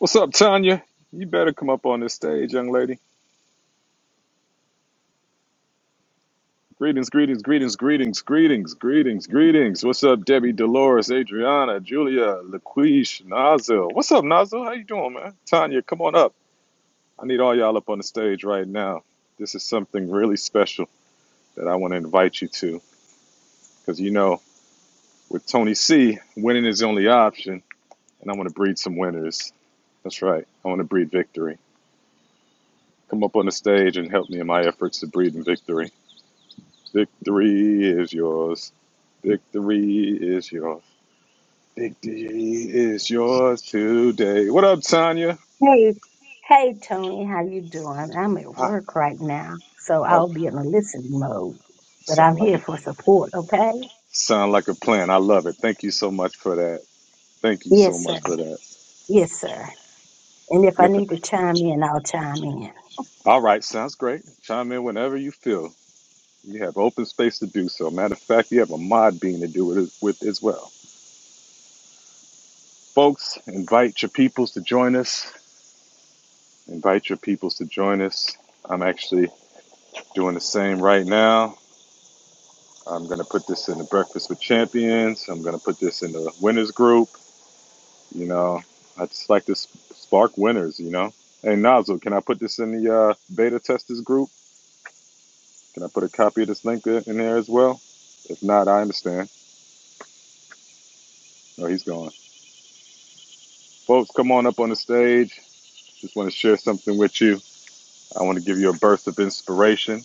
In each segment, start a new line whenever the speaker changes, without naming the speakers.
What's up, Tanya? You better come up on this stage, young lady. Greetings, greetings, greetings, greetings, greetings, greetings, greetings. What's up, Debbie, Dolores, Adriana, Julia, Laquish, Nazil? What's up, Nazil? How you doing, man? Tanya, come on up. I need all y'all up on the stage right now. This is something really special that I want to invite you to because you know, with Tony C, winning is the only option, and I want to breed some winners. That's right. I want to breed victory. Come up on the stage and help me in my efforts to breed in victory. Victory is yours. Victory is yours. Victory is yours today. What up, Tanya?
Hey, hey, Tony, how you doing? I'm at work right now, so I'll be in a listening mode, but
Sound
I'm here for support, okay?
sound like a plan. I love it. Thank you so much for that. Thank you so
Yes, sir. Yes, sir. And if I need to chime in, I'll chime in.
All right, sounds great. Chime in whenever you feel. You have open space to do so. Matter of fact, you have a mod being to do it with as well. Folks, invite your peoples to join us. Invite your peoples to join us. I'm actually doing the same right now. I'm gonna put this in the Breakfast with Champions. I'm gonna put this in the winners group. You know, I just like to s- spark winners. You know, hey Nozzle, can I put this in the uh, beta testers group? Can I put a copy of this link in there as well? If not, I understand. No, he's gone. Folks, come on up on the stage. Just want to share something with you. I want to give you a burst of inspiration.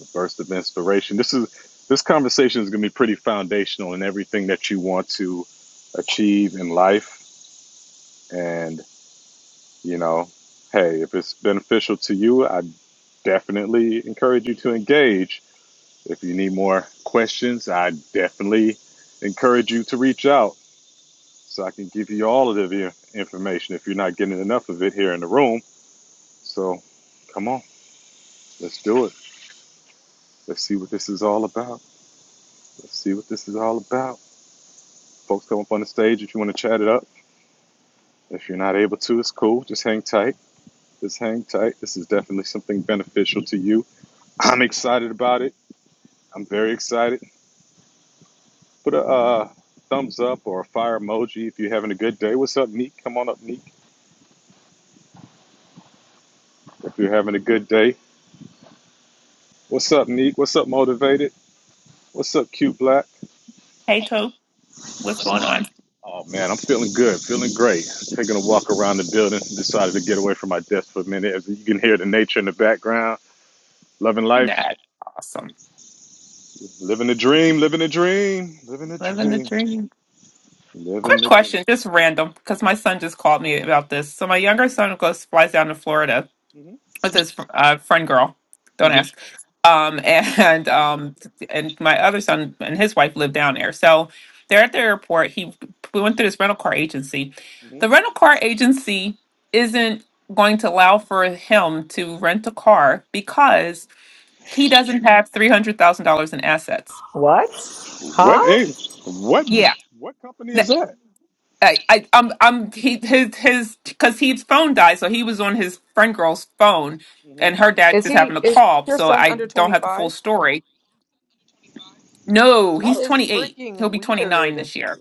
A burst of inspiration. This is this conversation is gonna be pretty foundational in everything that you want to achieve in life and You know, hey, if it's beneficial to you, I definitely encourage you to engage. If you need more questions, I definitely encourage you to reach out so I can give you all of the information if you're not getting enough of it here in the room. So come on, let's do it. Let's see what this is all about. Let's see what this is all about. Folks, come up on the stage if you want to chat it up. If you're not able to, it's cool. Just hang tight. Just hang tight. This is definitely something beneficial to you. I'm excited about it. I'm very excited. Put a uh, thumbs up or a fire emoji if you're having a good day. What's up, Neek? Come on up, Neek. If you're having a good day. What's up, Neek? What's up, Motivated? What's up, Cute Black?
Hey, Tope, what's going on?
Oh, man, I'm feeling good, feeling great. Taking a walk around the building. Decided to get away from my desk for a minute. As you can hear the nature in the background. Loving life,
That's awesome.
living the dream, living the dream, living the
Living the
dream,
dream.
living
Quick
the dream.
question, just random, because my son just called me about this. So my younger son goes flies down to Florida
hmm
with his uh, friend girl. Don't
hmm
ask. Um, and um, and my other son and his wife live down there. So they're at the airport. He we went through this rental car agency.
hmm
The rental car agency isn't going to allow for him to rent a car because he doesn't have three hundred thousand dollars in assets.
What? Huh?
What is, what,
Yeah.
what company is
N-
that?
I, I, I'm, I'm, he, his, his, because his phone died, so he was on his friend girl's phone, and her dad
Is
just
he
happened to
is
call,
your
so
son
I
under
don't have the full
25?
story. No,
That
he's
is
28. He'll
freaking
be 29
weird.
this year.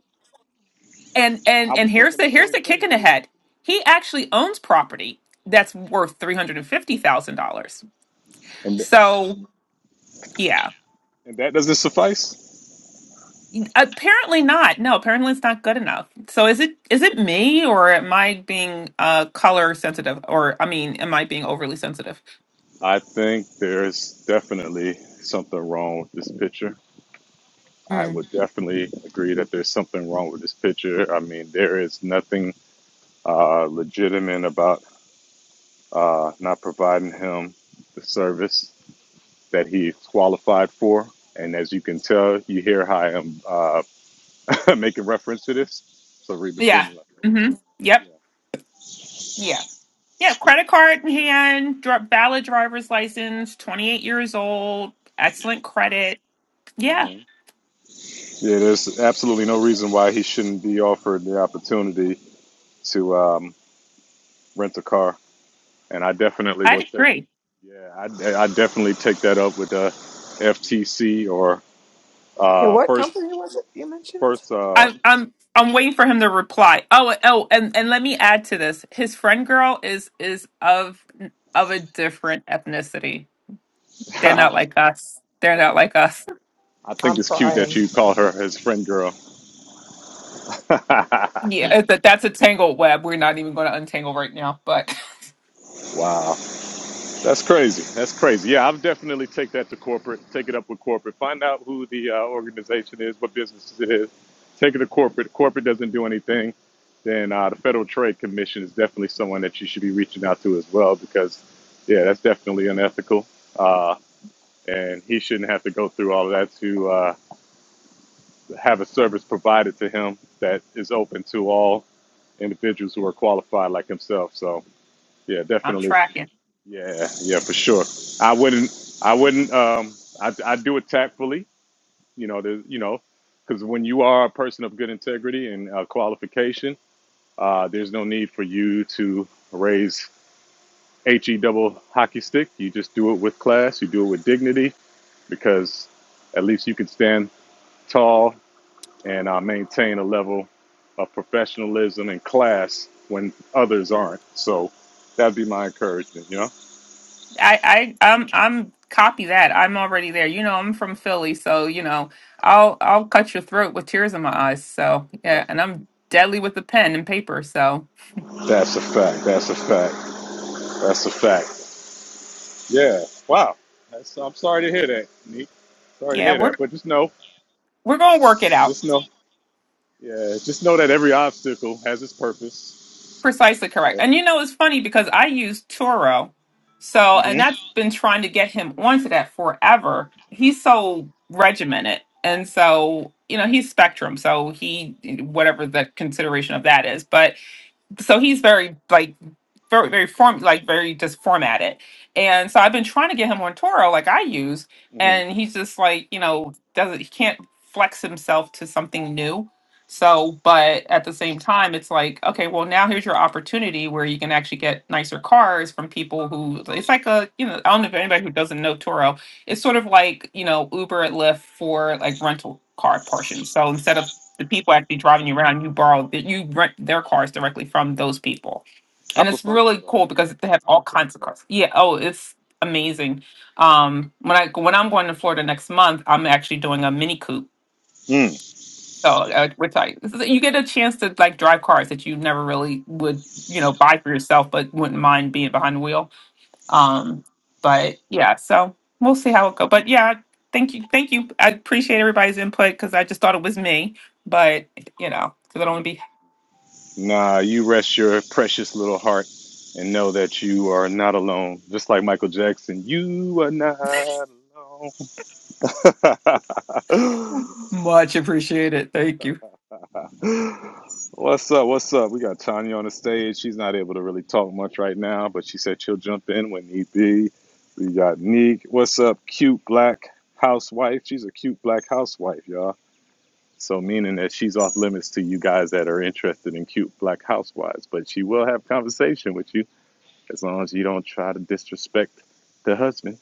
And
I
and
was
and here's
thinking the
the here's
same
the kick
thing,
in the
Q.
head. He actually owns property that's worth three hundred and fifty thousand dollars.
And th-
So yeah.
and that doesn't suffice.
Apparently not. No, apparently it's not good enough. So is it is it me or am I being uh color sensitive or I mean am I being overly sensitive?
I think there's definitely something wrong with this picture. I
Mm.
would definitely agree that there's something wrong with this picture. I mean, there is nothing uh, legitimate about uh, not providing him the service that he's qualified for. And as you can tell, you hear how I'm uh, making reference to this. So read
Yeah.
between the lines.
Mhm. Yep.
Okay.
Yeah. Yeah, credit card in hand, dri valid driver's license, 28 years old, excellent credit. Yeah,
Yeah. Yeah, there's absolutely no reason why he shouldn't be offered the opportunity to um, rent a car, and I definitely will
I'd
take.
agree.
Yeah, I, I definitely take that up with the FTC or
Yeah,
uh,
what
first
company was it you mentioned?
first. Uh,
I'm I'm I'm waiting for him to reply. Oh, oh, and and let me add to this. His friend girl is is of of a different ethnicity. They're not
I
like us. They're not
think
like us.
I think
I'm
it's cute
crying.
that you call her his friend girl.
Yeah, it's a, that's a tangled web. We're not even going to untangle right now, but
wow. That's crazy. That's crazy. Yeah, I'll definitely take that to corporate. Take it up with corporate. Find out who the uh, organization is, what business it is. Take it to corporate. Corporate doesn't do anything. Then uh, the Federal Trade Commission is definitely someone that you should be reaching out to as well because, yeah, that's definitely unethical. Uh, and he shouldn't have to go through all of that to uh, have a service provided to him that is open to all individuals who are qualified like himself. So, yeah, definitely.
I'm tracking.
Yeah, yeah, for sure. I wouldn't, I wouldn't, um, I, I do it tactfully, you know, there's, you know, because when you are a person of good integrity and uh, qualification, uh, there's no need for you to raise he double hockey stick. You just do it with class, you do it with dignity, because at least you can stand tall and uh, maintain a level of professionalism and class when others aren't. So that'd be my encouragement, you know.
I, I, I'm, I'm copy that. I'm already there. You know, I'm from Philly, so you know, I'll, I'll cut your throat with tears in my eyes. So yeah, and I'm deadly with the pen and paper. So
That's a fact. That's a fact. That's a fact. Yeah. Wow. That's, I'm sorry to hear that, Neek. Sorry to
yeah,
hear
we're,
that. But just know,
we're gonna work it out.
just know, yeah, just know that every obstacle has its purpose.
Precisely correct. And you know, it's funny because I use Turo. So, and
hmm
that's been trying to get him onto that forever. He's so regimented. And so, you know, he's spectrum. So he, whatever the consideration of that is. But so he's very like very very form like very just formatted and so i've been trying to get him on toro like i use
hmm
and he's just like you know doesn't he can't flex himself to something new so but at the same time it's like okay well now here's your opportunity where you can actually get nicer cars from people who it's like a you know i don't know if anybody who doesn't know toro it's sort of like you know uber at lyft for like rental car portions so instead of the people actually driving you around, you borrow you rent their cars directly from those people,
I
and it's
prefer to
really
though.
cool because they have all kinds of cars. Yeah, oh, it's amazing. Um, when I when I'm going to Florida next month, I'm actually doing a mini coupe.
Mm.
So uh, we're this is- you get a chance to like drive cars that you never really would, you know, buy for yourself, but wouldn't mind being behind the wheel. Um, but yeah, so we'll see how it goes. But yeah, thank you, thank you. I appreciate everybody's input because I just thought it was me, but you know, because I don't want to be
Nah, you rest your precious little heart and know that you are not alone. Just like Michael Jackson, you are not alone.
Much appreciated. Thank you.
What's up? What's up? We got Tanya on the stage. She's not able to really talk much right now, but she said she'll jump in when need be. We got Neek. What's up, cute black housewife? She's a cute black housewife, y'all. So, meaning that she's off limits to you guys that are interested in cute black housewives, but she will have conversation with you as long as you don't try to disrespect the husband.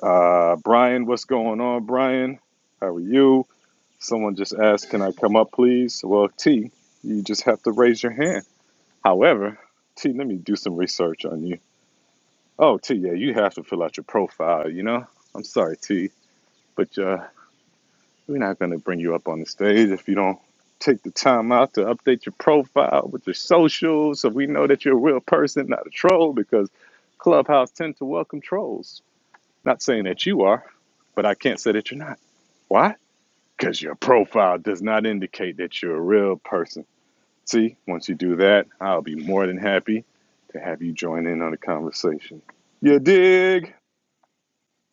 Uh, Brian, what's going on, Brian? How are you? Someone just asked, Can I come up, please? Well, T, you just have to raise your hand. However, T, let me do some research on you. Oh, T, yeah, you have to fill out your profile, you know? I'm sorry, T, but uh, we're not going to bring you up on the stage if you don't take the time out to update your profile with your socials so we know that you're a real person, not a troll, because Clubhouse tend to welcome trolls. Not saying that you are, but I can't say that you're not. Why? Because your profile does not indicate that you're a real person. See, once you do that, I'll be more than happy to have you join in on the conversation. You dig?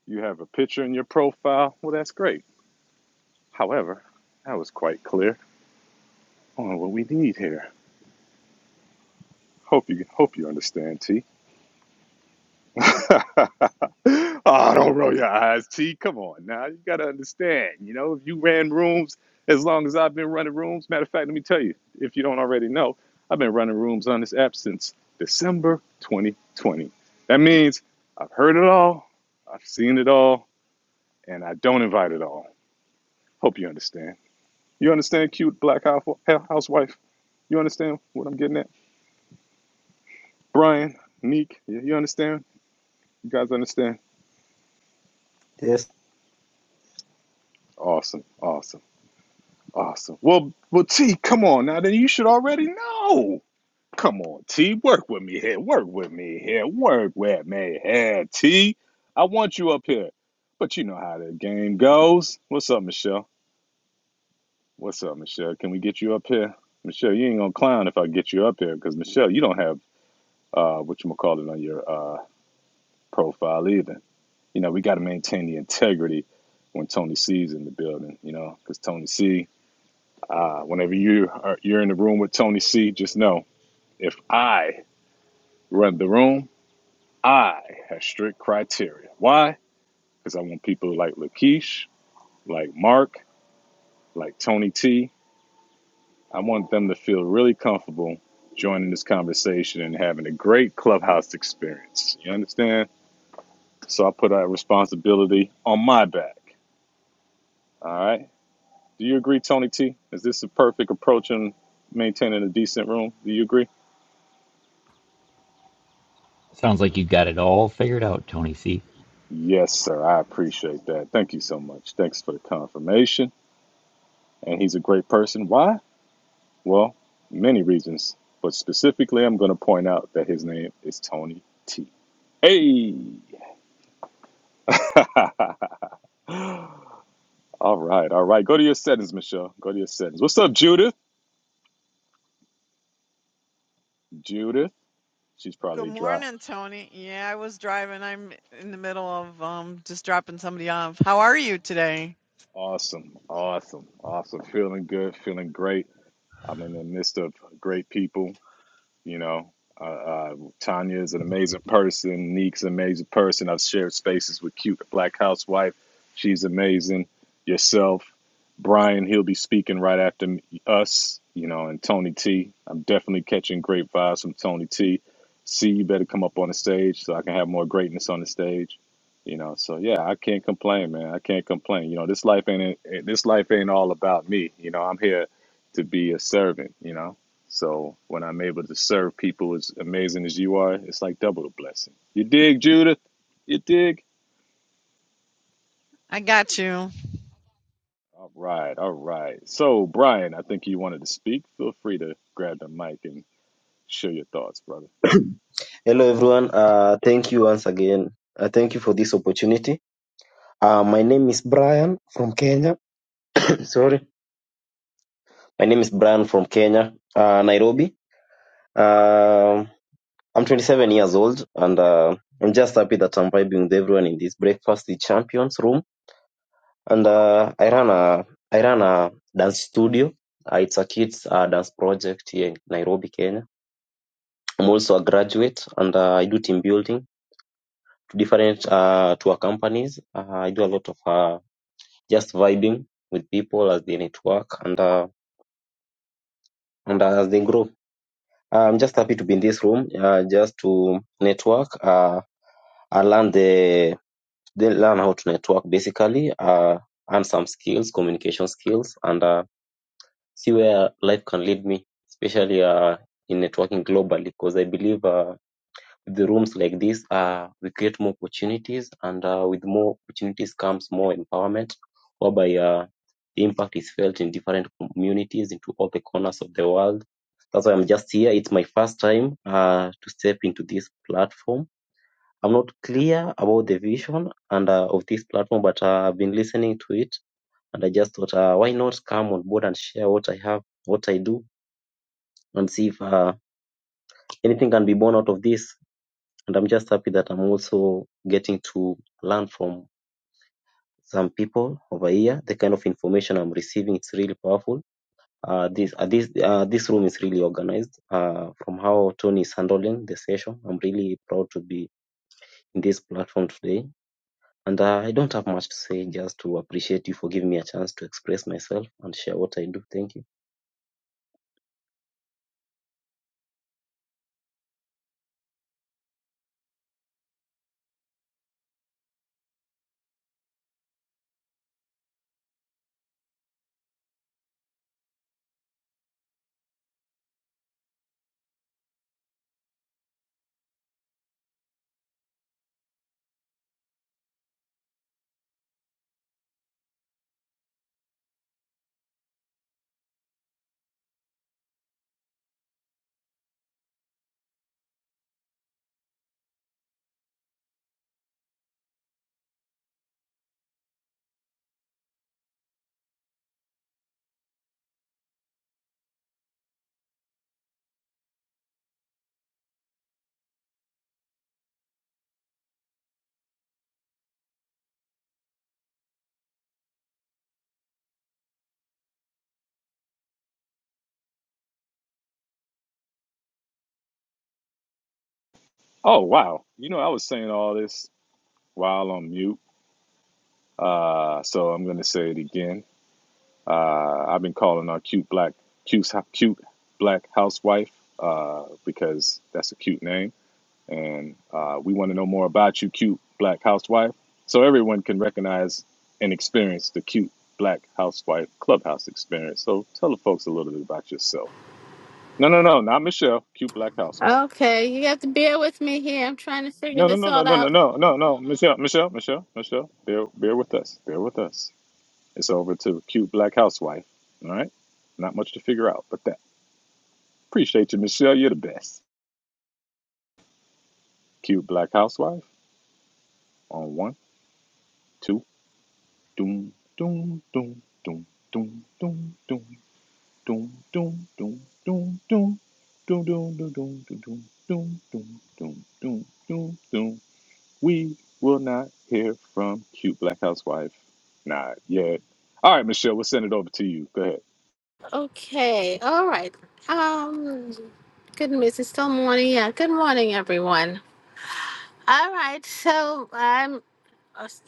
You have a picture in your profile. Well, that's great. However, that was quite clear on what we need here. Hope you hope you understand, T. oh, don't roll your eyes, T. Come on now. You got to understand. You know, if you ran rooms as long as I've been running rooms, matter of fact, let me tell you, if you don't already know, I've been running rooms on this app since December 2020. That means I've heard it all, I've seen it all, and I don't invite it all. Hope you understand. You understand, cute black hou- housewife? You understand what I'm getting at? Brian, Neek, you you understand? You guys understand?
Yes.
Awesome, awesome. Awesome. Well, well, T, come on now. Then you should already know. Come on, T, work with me here. Work with me here. Work with me here, T. I want you up here, but you know how the game goes. What's up, Michelle? What's up, Michelle? Can we get you up here, Michelle? You ain't gonna clown if I get you up here, because Michelle, you don't have uh, what you call it on your uh, profile either. You know, we got to maintain the integrity when Tony C's in the building. You know, because Tony C. Uh, whenever you are, you're in the room with Tony C, just know if I run the room, I have strict criteria. Why? Because I want people like Lakeish, like Mark, like Tony T. I want them to feel really comfortable joining this conversation and having a great clubhouse experience. You understand? So I put that responsibility on my back. All right. Do you agree, Tony T? Is this a perfect approach in maintaining a decent room? Do you agree?
Sounds like you got it all figured out, Tony C.
Yes, sir. I appreciate that. Thank you so much. Thanks for the confirmation. And he's a great person. Why? Well, many reasons, but specifically, I'm going to point out that his name is Tony T. Hey! all right, all right. Go to your settings, Michelle. Go to your settings. What's up, Judith? Judith, she's
Good
probably dry.
morning, Tony. Yeah, I was driving. I'm in the middle of um just dropping somebody off. How are you today?
Awesome, awesome, awesome. Feeling good, feeling great. I'm in the midst of great people. You know, uh, uh, Tanya is an amazing person. Neek's an amazing person. I've shared spaces with cute the black housewife. She's amazing. Yourself, Brian. He'll be speaking right after m- us. You know, and Tony T. I'm definitely catching great vibes from Tony T. See, you better come up on the stage so I can have more greatness on the stage. You know, so yeah, I can't complain, man. I can't complain. You know, this life ain't eh, this life ain't all about me. You know, I'm here to be a servant. You know, so when I'm able to serve people as amazing as you are, it's like double the blessing. You dig, Judith? You dig?
I got you.
All right, all right. So Brian, I think you wanted to speak. Feel free to grab the mic and share your thoughts, brother.
Hello, everyone. Uh, thank you once again. Uh, thank you for this opportunity. Uh, my name is Brian from Kenya. Sorry. My name is Brian from Kenya, uh, Nairobi. Um I'm 27 years old and uh, I'm just happy that I'm vibing with everyone in this Breakfast with Champions room. And uh, I run a I run a dance studio. Uh, it's a kids uh, dance project here in Nairobi, Kenya. I'm also a graduate and uh, I do team building different uh, tour companies. Uh, I do a lot of uh, just vibing with people as they network and uh, and as they grow. I'm just happy to be in this room uh, just to network. Uh, I learn the they learn how to network basically uh, and some skills, communication skills, and uh, see where life can lead me, especially uh, in networking globally. Because I believe. Uh, the rooms like this, uh, we create more opportunities, and uh, with more opportunities comes more empowerment, whereby uh, the impact is felt in different communities into all the corners of the world. That's why I'm just here. It's my first time uh, to step into this platform. I'm not clear about the vision and uh, of this platform, but uh, I've been listening to it, and I just thought, uh, why not come on board and share what I have, what I do, and see if uh, anything can be born out of this. and I'm just happy that I'm also getting to learn from some people over here. The kind of information I'm receiving it's really powerful. Uh, this uh, this uh, this room is really organized. Uh, from how Tony is handling the session, I'm really proud to be in this platform today. And uh, I don't have much to say, just to appreciate you for giving me a chance to express myself and share what I do. Thank you.
Oh wow. You know I was saying all this while on mute. Uh, so I'm gonna say it again. Uh, I've been calling our cute black cute cute black housewife uh, because that's a cute name and uh, we want to know more about you, cute black housewife, so everyone can recognize and experience the cute black housewife clubhouse experience. So tell the folks a little bit about yourself. No, no, no, not Michelle, cute black housewife.
Okay, you have to bear with me here. I'm trying to figure
No, no,
this
no, no,
all
no, no,
out.
no, no, no, Michelle, Michelle, Michelle, Michelle, bear, bear with us, bear with us. It's over to cute black housewife. All right, not much to figure out, but that. Appreciate you, Michelle. You're the best. Cute black housewife on one, two. Doom, doom, doom, doom, doom, doom, doom, doom, doom, doom, doom, doom, doom, doom, doom, doom, doom, doom, doom, doom, doom, We will not hear from cute black housewife. Not yet. All right, Michelle, we'll send it over to you. Go ahead.
Okay, all right. Um, goodness, it's still morning. Yeah, good morning, everyone. All right, so I'm.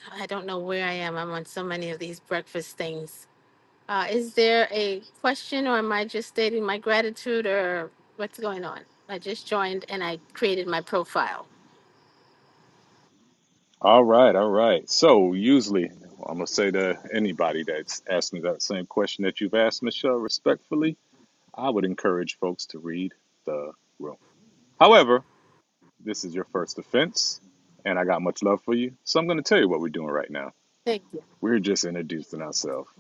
I don't know where I am. I'm on so many of these breakfast things. Uh, is there a question, or am I just stating my gratitude, or what's going on? I just joined and I created my profile.
All right, all right. So usually I'm gonna say to anybody that's asked me that same question that you've asked, Michelle, respectfully, I would encourage folks to read the room. However, This is your first offense, and I got much love for you. So I'm going to tell you what we're doing right now.
Thank you.
We're just introducing ourselves.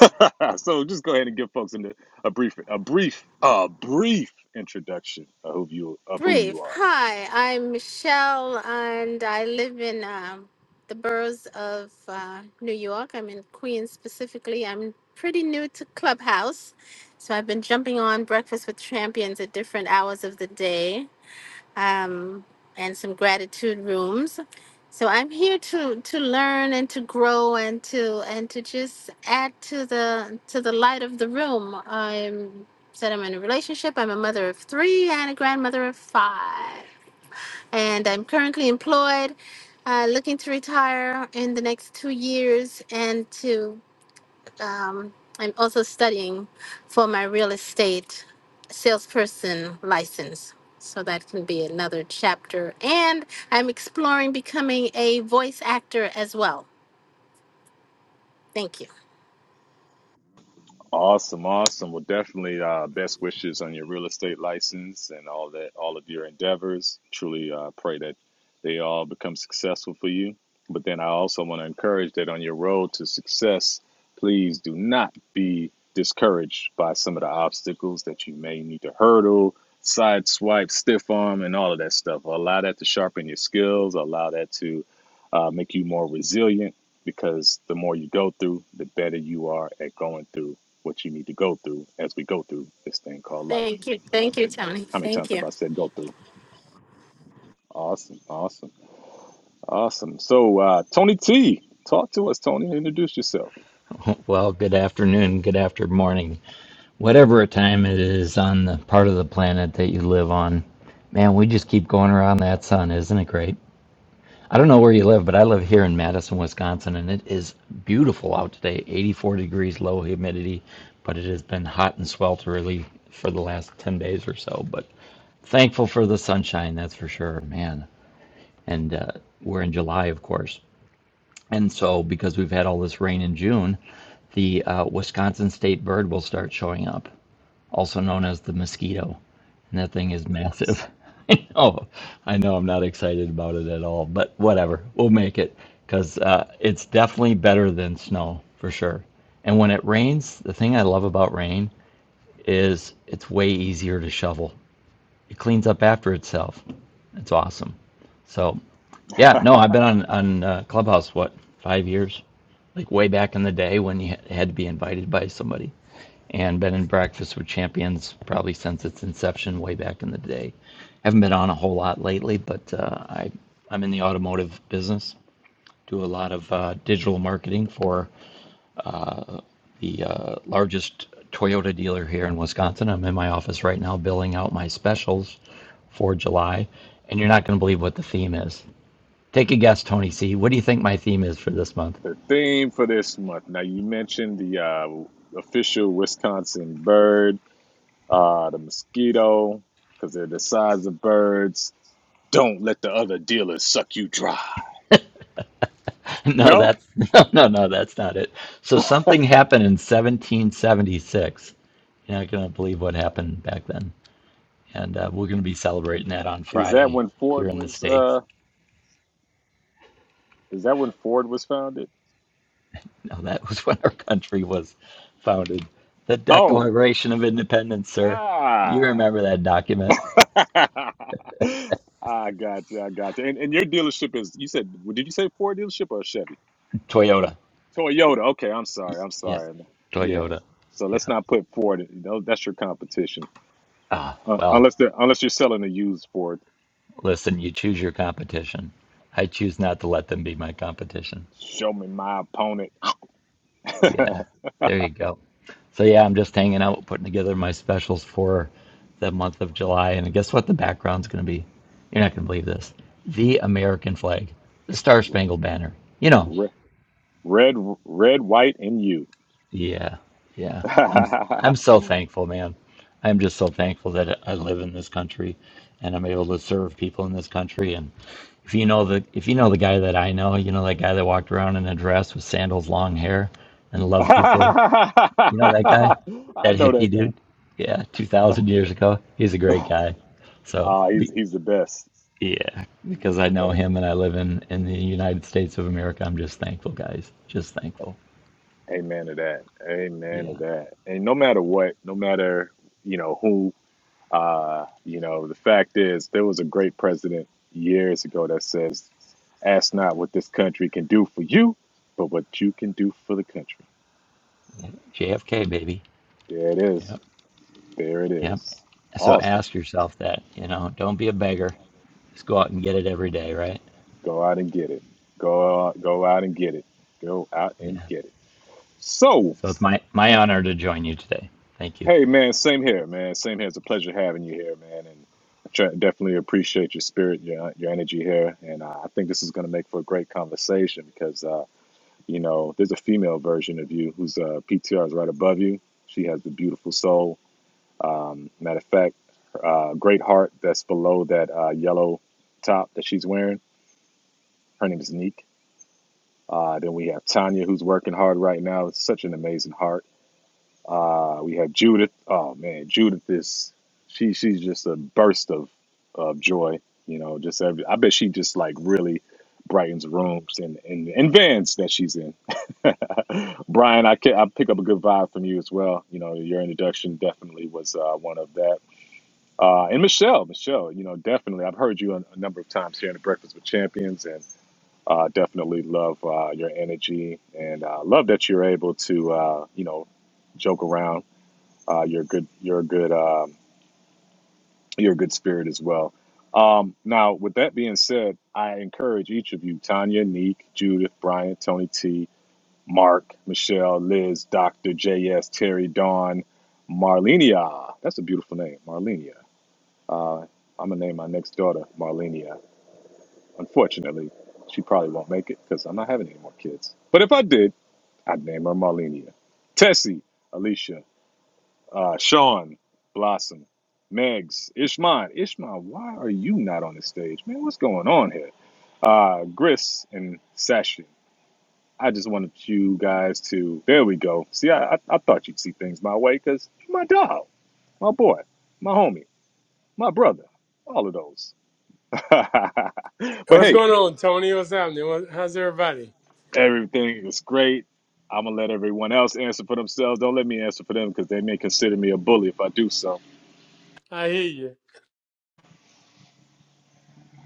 so just go ahead and give folks a, a brief, a brief, a brief introduction of who you of who you
Brief.
are.
Hi, I'm Michelle, and I live in um, the boroughs of uh, New York. I'm in Queens specifically. I'm pretty new to Clubhouse, so I've been jumping on Breakfast with Champions at different hours of the day um, and some gratitude rooms. So I'm here to to learn and to grow and to and to just add to the to the light of the room. I'm said I'm in a relationship. I'm a mother of three and a grandmother of five, and I'm currently employed. Uh, looking to retire in the next two years and to um, I'm also studying for my real estate salesperson license. So that can be another chapter. And I'm exploring becoming a voice actor as well. Thank you.
Awesome, awesome. Well, definitely uh, best wishes on your real estate license and all that, all of your endeavors. Truly uh, pray that they all become successful for you. But then I also want to encourage that on your road to success, please do not be discouraged by some of the obstacles that you may need to hurdle, side swipe, stiff arm, and all of that stuff. Allow that to sharpen your skills, allow that to uh, make you more resilient because the more you go through, the better you are at going through what you need to go through as we go through this thing called life.
Thank you. Thank you, Tony.
How many
Thank
times have
you.
I said go through? Awesome, awesome, awesome. So, uh, Tony T, talk to us, Tony. Introduce yourself.
Well, good afternoon, good after morning, whatever time it is on the part of the planet that you live on. Man, we just keep going around that sun, isn't it great? I don't know where you live, but I live here in Madison, Wisconsin, and it is beautiful out today. 84 degrees, low humidity, but it has been hot and swelterly for the last 10 days or so. But thankful for the sunshine, that's for sure, man. And uh, we're in July, of course. And so, because we've had all this rain in June, the uh, Wisconsin state bird will start showing up, also known as the mosquito. And that thing is massive. I know. I know I'm not excited about it at all, but whatever. We'll make it because uh, it's definitely better than snow for sure. And when it rains, the thing I love about rain is it's way easier to shovel. It cleans up after itself. It's awesome. So yeah, no, I've been on on uh, Clubhouse what five years, like way back in the day when you had to be invited by somebody and Bed and Breakfast with Champions probably since its inception way back in the day. Haven't been on a whole lot lately, but uh, I I'm in the automotive business. Do a lot of uh, digital marketing for the uh, largest Toyota dealer here in Wisconsin. I'm in my office right now billing out my specials for July, and you're not going to believe what the theme is. Take a guess, Tony C. What do you think my theme is for this month?
The theme for this month. Now, you mentioned the uh, official Wisconsin bird, uh, the mosquito, because they're the size of birds. Don't let the other dealers suck you dry.
No,
No,
that's no, no, no, that's not it. So something happened in 1776. You're not going to believe what happened back then. And uh, we're going to be celebrating that on
is that
Friday
when
here
Ford
in the
was?
States.
Uh, is that when Ford was founded?
Now, that was when our country was founded. The
Oh,
Declaration of Independence, sir. You
ah.
remember that document?
I got you. I got you. And, and your dealership is, you said, did you say Ford dealership or Chevy?
Toyota.
Toyota. Okay. I'm
Y-
sorry. I'm
Yeah,
sorry. Yeah.
Toyota.
So let's
Yeah.
not put Ford. in- tho- That's your competition.
Ah,
Uh,
well,
unless they're, unless you're selling a used Ford.
listen, you choose your competition. I choose not to let them be my competition.
Show me my opponent.
Yeah, there you go. So yeah, I'm just hanging out, putting together my specials for the month of July. And guess what? The background's going to be, you're not going to believe this, the American flag, the Star Spangled Banner. You know,
red, red, red, white, and you.
yeah, yeah. I'm I'm
I
so thankful, man. I'm just so thankful that I live in this country, and I'm able to serve people in this country. And if you know the if you know the guy that I know, you know that guy that walked around in a dress with sandals, long hair, and loved people. You know that guy, that
know
hippie
that
dude. Yeah, two
guy.
thousand years ago. He's a great guy. So
Ah, he's
be,
he's the best.
yeah,
He's
because I
the
know
best.
him and I live in in the United States of America. I'm just thankful, guys. Just thankful.
Amen to that. Amen to
Yeah,
that. And no matter what, no matter you know who, uh, you know the fact is there was a great president years ago that says, "Ask not what this country can do for you, but what you can do for the country."
JFK baby.
There it is.
Yep,
There it
yep.
is.
So
Awesome.
ask yourself that. You know, don't be a beggar. Just go out and get it every day, right?
Go out and get it. Go out. Go out and get it. Go out and
Yeah.
get it. So.
So it's my my honor to join you today. Thank you.
Hey man, same here, man. Same here. It's a pleasure having you here, man. And I tr- definitely appreciate your spirit, your your energy here. And uh, I think this is going to make for a great conversation because uh, you know there's a female version of you whose uh, PTR is right above you. She has the beautiful soul. Um, matter of fact, uh, great heart that's below that uh, yellow top that she's wearing. Her name is Neek. Uh, then we have Tanya, who's working hard right now. It's such an amazing heart. Uh, we have Judith. Oh man, Judith is she she's just a burst of of joy. You know, just every, I bet she just like really brightens rooms and and, and vans that she's in. Brian, I can, I pick up a good vibe from you as well. You know, your introduction definitely was uh, one of that. Uh, and Michelle, Michelle, you know, definitely I've heard you a, a number of times here in the Breakfast with Champions, and uh, definitely love uh, your energy and uh, love that you're able to uh, you know joke around uh, your good your good um, your good spirit as well. Um, now, with that being said, I encourage each of you, Tanya, Neek, Judith, Brian, Tony T, Mark, Michelle, Liz, Dr. JS, Terry, Dawn, Marlenia. That's a beautiful name, Marlenia. Uh, I'm going to name my next daughter Marlenia. Unfortunately, she probably won't make it because I'm not having any more kids. But if I did, I'd name her Marlenia. Tessie, Alicia, Uh, Sean, Blossom, Megs, Ishman. Ishman, why are you not on the stage? Man, what's going on here? Uh, Gris and Session. I just wanted you guys to. There we go. See, I, I, I thought you'd see things my way because you're my dog, my boy, my homie, my brother, all of those. but
What's
hey,
going on, Tony? What's happening? What, how's everybody?
everything is great. I'm going to let everyone else answer for themselves. Don't let me answer for them because they may consider me a bully if I do so.
I hear you.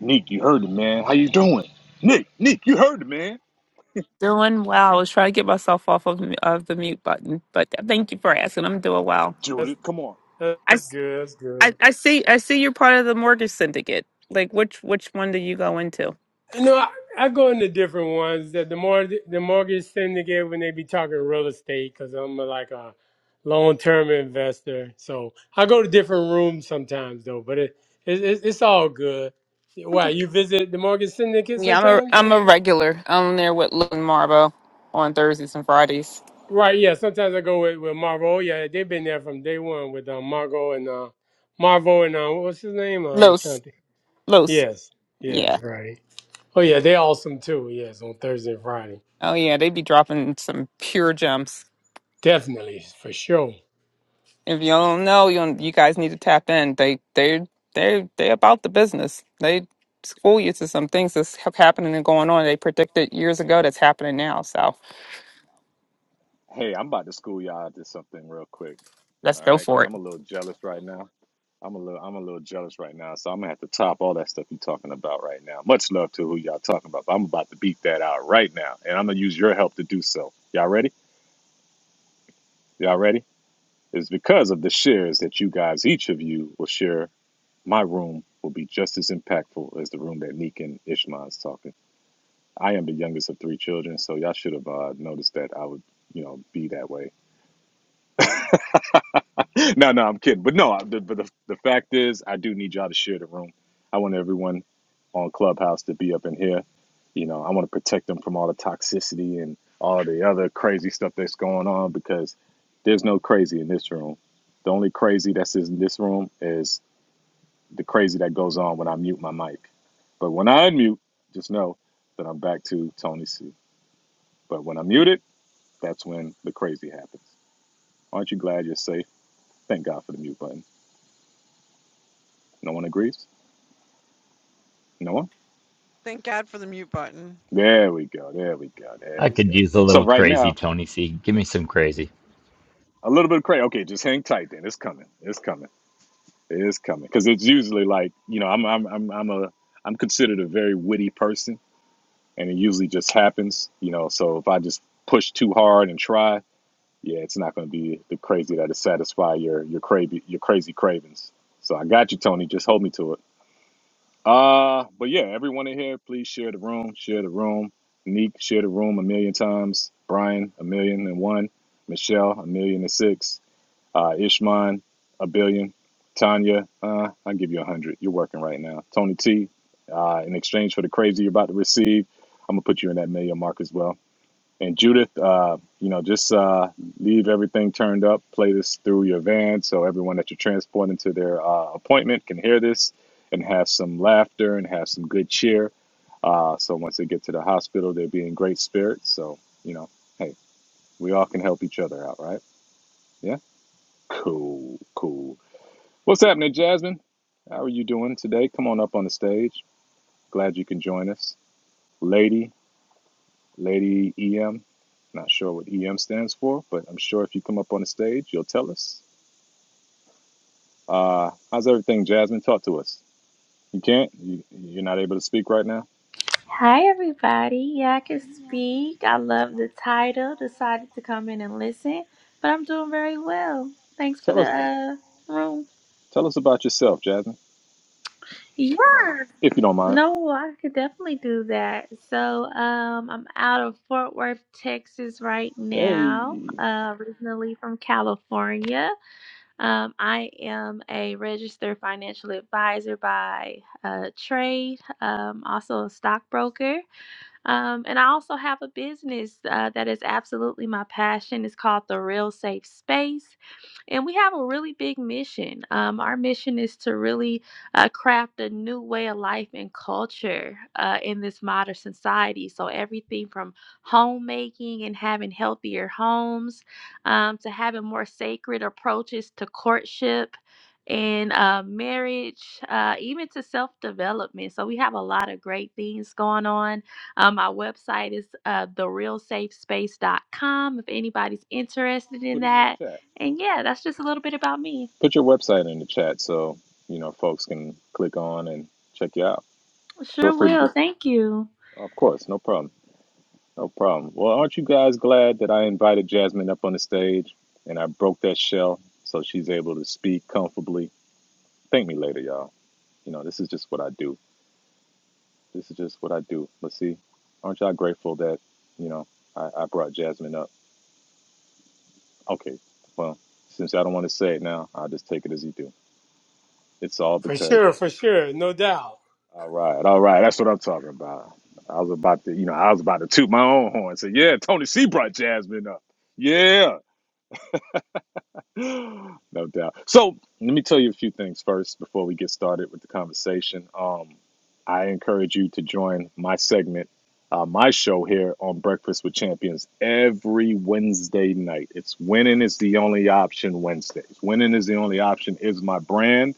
Nick, you heard it, man. How you doing? Nick, Nick, you heard it, man.
Doing well. I was trying to get myself off of of the mute button, but thank you for asking. I'm doing well.
That's
Judith, come on.
I,
that's
s-
good. That's good.
I- I see I see you're part of the mortgage syndicate. Like which which one do you go into?
You know, I, I go into different ones. That the more the mortgage syndicate when they be talking real estate, because I'm a, like a long term investor. So I go to different rooms sometimes, though. But it, it, it's it's all good. Why
Okay.
you visit the mortgage syndicate
Yeah, I'm a
sometimes?
I'm a regular. I'm there with Lou and Marbo on Thursdays and Fridays.
Right, yeah. Sometimes I go with, with Marvo. Oh, Yeah, they've been there from day one with uh, Margo and uh, Marvo and uh, what's his name? Um, Chanti.
Los Los.
Yes,
Yeah.
yes, right. Oh yeah, they're awesome too. Yes, on Thursday and Friday,
Oh yeah, they be dropping some pure gems.
definitely for sure,
If you don't know, you don't- you guys need to tap in. They they they they about the business. They school you to some things that's ha- happening and going on. They predicted years ago that's happening now. So
Hey, I'm about to school y'all to something real quick.
let's
All
go
right, because
for it.
I'm a little jealous right now. I'm a little I'm a little jealous right now, so I'm gonna have to top all that stuff you're talking about right now. Much love to who y'all talking about, but I'm about to beat that out right now, and I'm gonna use your help to do so. Y'all ready? Y'all ready? It's because of the shares that you guys, each of you, will share. My room will be just as impactful as the room that Nick and Ishmael's talking. I am the youngest of three children, so y'all should have uh, noticed that I would, you know, be that way. no, no, I'm kidding. But no, I- the, but the, the fact is, I do need y'all to share the room. I want everyone on Clubhouse to be up in here. You know, I want to protect them from all the toxicity and all the other crazy stuff that's going on because there's no crazy in this room. The only crazy that's in this room is the crazy that goes on when I mute my mic. But when I unmute, just know that I'm back to Tony C. But when I mute it. That's when the crazy happens. Aren't you glad you're safe? Thank God for the mute button. No one agrees? No one?
Thank God for the mute button.
There we go. There we go. There
I
we
could
go.
use a
So
little
right
crazy,
now,
Tony C. Give me some crazy.
a little bit of crazy. Okay, just hang tight then. It's coming. It's coming. It is coming. Because it's usually like, you know, I'm I'm I'm I'm a I'm considered a very witty person and it usually just happens, you know. So if I just push too hard and try, yeah, it's not gonna be the crazy that'll satisfy your your crazy your crazy cravings. So I got you, Tony. Just hold me to it. Uh, but yeah, everyone in here, please share the room. Share the room. Neek, share the room a million times. Brian, a million and one. Michelle, a million and six. Uh, Ishman, a billion. Tanya, uh, I'll give you a hundred. You're working right now. Tony T, uh, in exchange for the crazy you're about to receive, I'm gonna put you in that million mark as well. And Judith, uh, you know, just uh, leave everything turned up. Play this through your van so everyone that you're transporting to their uh, appointment can hear this and have some laughter and have some good cheer. Uh, so once they get to the hospital, they'll be in great spirits. So, you know, hey, we all can help each other out, right? Yeah? Cool, cool. What's happening, Jasmine? How are you doing today? Come on up on the stage. Glad you can join us. Lady, Lady EM. Not sure what EM stands for, but I'm sure if you come up on the stage, you'll tell us. Uh, how's everything, Jasmine? Talk to us. You can't. You, you're not able to speak right now.
Hi, everybody. Yeah, I can speak. I love the title. Decided to come in and listen, but I'm doing very well. Thanks for
Tell
the
us.
uh, room.
Tell us about yourself, Jasmine,
Yeah.
if you don't mind.
No, I could definitely do that. So, um, I'm out of Fort Worth, Texas right now.
Hey,
Uh, originally from California. Um, I am a registered financial advisor by uh, trade. Um, also a stockbroker. Um, and I also have a business uh, that is absolutely my passion. It's called The Real Safe Space. And we have a really big mission. Um, our mission is to really uh, craft a new way of life and culture uh, in this modern society. So, everything from homemaking and having healthier homes um, to having more sacred approaches to courtship. And uh, marriage, uh, even to self development. So, we have a lot of great things going on. Uh, my website is uh, the real safe space dot com. if anybody's interested in
put it in the
that.
chat.
And yeah, that's just a little bit about me.
Put your website in the chat so you know folks can click on and check you out. Feel
Sure
free to
will.
do. So.
Thank you.
Of course, no problem. No problem. Well, aren't you guys glad that I invited Jasmine up on the stage and I broke that shell so she's able to speak comfortably? Thank me later, y'all. You know, this is just what I do. This is just what I do. But see, aren't y'all grateful that, you know, I, I brought Jasmine up? Okay, well, since y'all don't want to say it now, I'll just take it as you do. It's all
for
because,
sure, for sure, no doubt.
all right, all right, that's what I'm talking about. I was about to, you know, I was about to toot my own horn and say, yeah, Tony C brought Jasmine up. Yeah. no doubt. So let me tell you a few things first before we get started with the conversation. Um, I encourage you to join my segment, uh, my show here on Breakfast with Champions every Wednesday night. It's winning is the only option Wednesdays. Winning is the only option is my brand.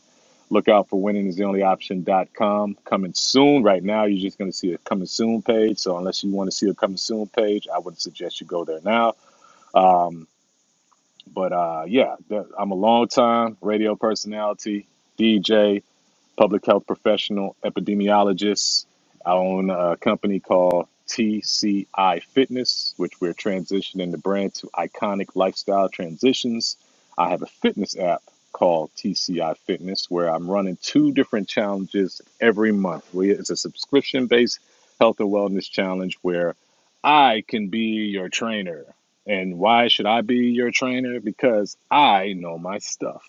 Look out for winning is the only Option dot com coming soon. Right now, you're just going to see a coming soon page. So, unless you want to see a coming soon page, I would suggest you go there now. Um, but uh, yeah, I'm a long time radio personality, DJ, public health professional, epidemiologist. I own a company called TCI Fitness, which we're transitioning the brand to Iconic Lifestyle Transitions. I have a fitness app called TCI Fitness where I'm running two different challenges every month. We- It's a subscription based health and wellness challenge where I can be your trainer. And why should I be your trainer? Because I know my stuff.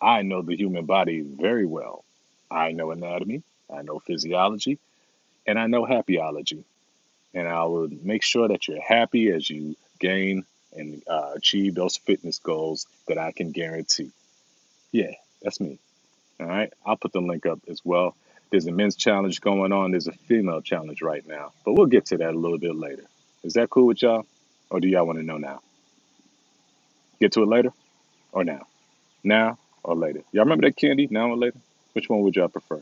I know the human body very well. I know anatomy, I know physiology, and I know happyology. And I will make sure that you're happy as you gain and uh, achieve those fitness goals that I can guarantee. Yeah, that's me. All right. I'll put the link up as well. There's a men's challenge going on, there's a female challenge right now, but we'll get to that a little bit later. Is that cool with y'all? Or do y'all want to know now? Get to it later or now? Now or later? Y'all remember that candy? Now or later? Which one would y'all prefer?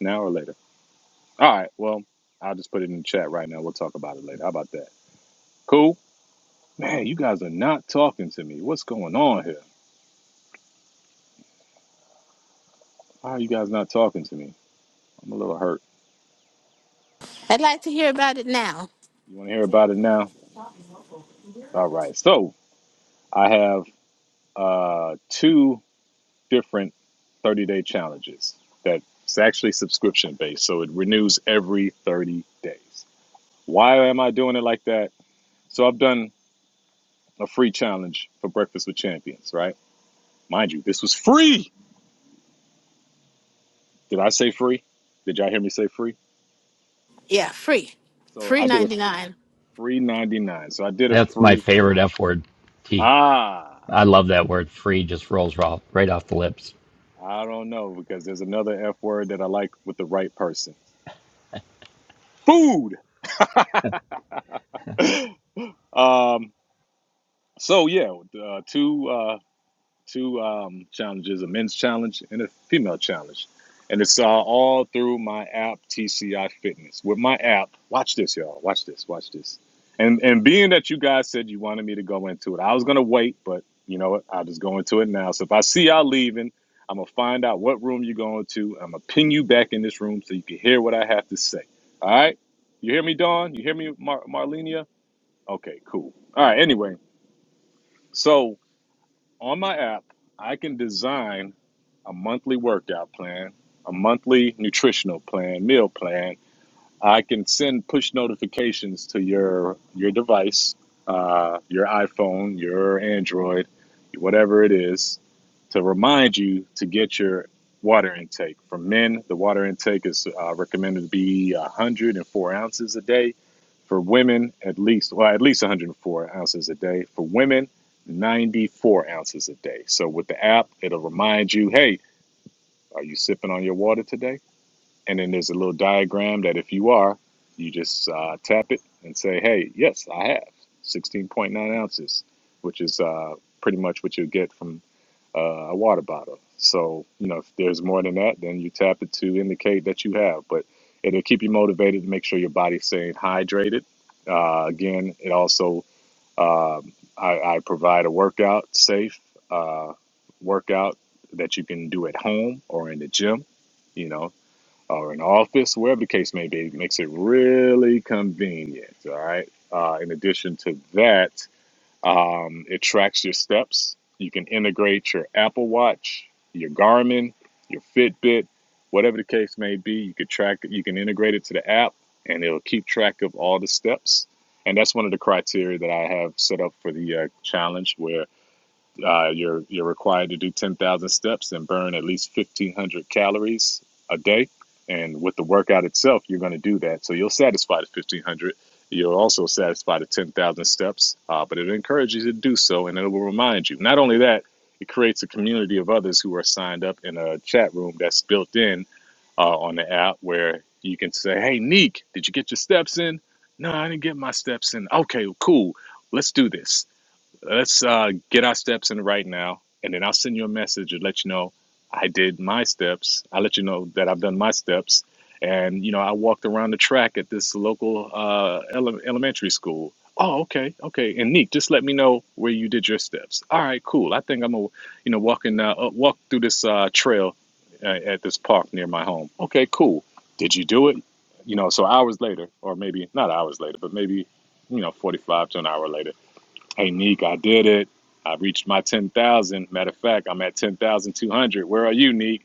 Now or later? All right. Well, I'll just put it in the chat right now. We'll talk about it later. How about that? Cool. Man, you guys are not talking to me. What's going on here? Why are you guys not talking to me? I'm a little hurt.
I'd like to hear about it now.
You want to hear about it now? All right. So I have uh, two different 30 day challenges that's actually subscription based. So it renews every 30 days. Why am I doing it like that? So I've done a free challenge for Breakfast with Champions, right? Mind you, this was free. Did I say free? Did y'all hear me say free?
Yeah, free.
So
Free
I did a
99.
free 99. So I did a
That's my
free.
favorite F word. T.
Ah,
I love that word free, just rolls raw, right off the lips.
I don't know because there's another F word that I like with the right person food. um, so yeah, uh, two. uh, two um, challenges a men's challenge and a female challenge. And it's uh, all through my app, TCI Fitness. With my app, watch this, y'all. Watch this, watch this. And and being that you guys said you wanted me to go into it, I was gonna wait, but you know what? I'll just go into it now. So if I see y'all leaving, I'm gonna find out what room you're going to. I'm gonna pin you back in this room so you can hear what I have to say. All right? You hear me, Dawn? You hear me, Mar- Marlenia? Okay, cool. All right. Anyway, so on my app, I can design a monthly workout plan, a monthly nutritional plan, meal plan, I can send push notifications to your your device, uh, your iPhone, your Android, whatever it is, to remind you to get your water intake. For men, the water intake is uh, recommended to be 104 ounces a day. For women, at least well, at least 104 ounces a day. For women, 94 ounces a day. So with the app, it'll remind you, hey, are you sipping on your water today? And then there's a little diagram that if you are, you just uh, tap it and say, hey, yes, I have 16.9 ounces, which is uh, pretty much what you'll get from uh, a water bottle. So, you know, if there's more than that, then you tap it to indicate that you have. But it'll keep you motivated to make sure your body's staying hydrated. Uh, again, it also, um I, I provide a workout, safe uh, workout that you can do at home or in the gym you know or an office, wherever the case may be, makes it really convenient. All right. Uh, in addition to that, um, it tracks your steps. You can integrate your Apple Watch, your Garmin, your Fitbit, whatever the case may be. You could track. it. You can integrate it to the app, and it'll keep track of all the steps. And that's one of the criteria that I have set up for the uh, challenge, where uh, you're you're required to do 10,000 steps and burn at least 1,500 calories a day. And with the workout itself, you're going to do that. So you'll satisfy the 1,500. You'll also satisfy the 10,000 steps. Uh, but it encourages you to do so, and it will remind you. Not only that, it creates a community of others who are signed up in a chat room that's built in uh, on the app where you can say, "Hey, Neek, did you get your steps in?" No, I didn't get my steps in. Okay, cool. Let's do this Let's uh, get our steps in right now, and then I'll send you a message to let you know I did my steps. I'll let you know that I've done my steps. And, you know, I walked around the track at this local uh, ele- elementary school. Oh, okay, okay. And Neek, just let me know where you did your steps. All right, cool. I think I'm gonna, you know, walking uh, uh, walk through this uh, trail uh, at this park near my home. Okay, cool. Did you do it? You know, so hours later, or maybe not hours later, but maybe you know, 45 to an hour later Hey, Neek, I did it. I reached my 10,000. Matter of fact, I'm at 10,200. Where are you, Neek?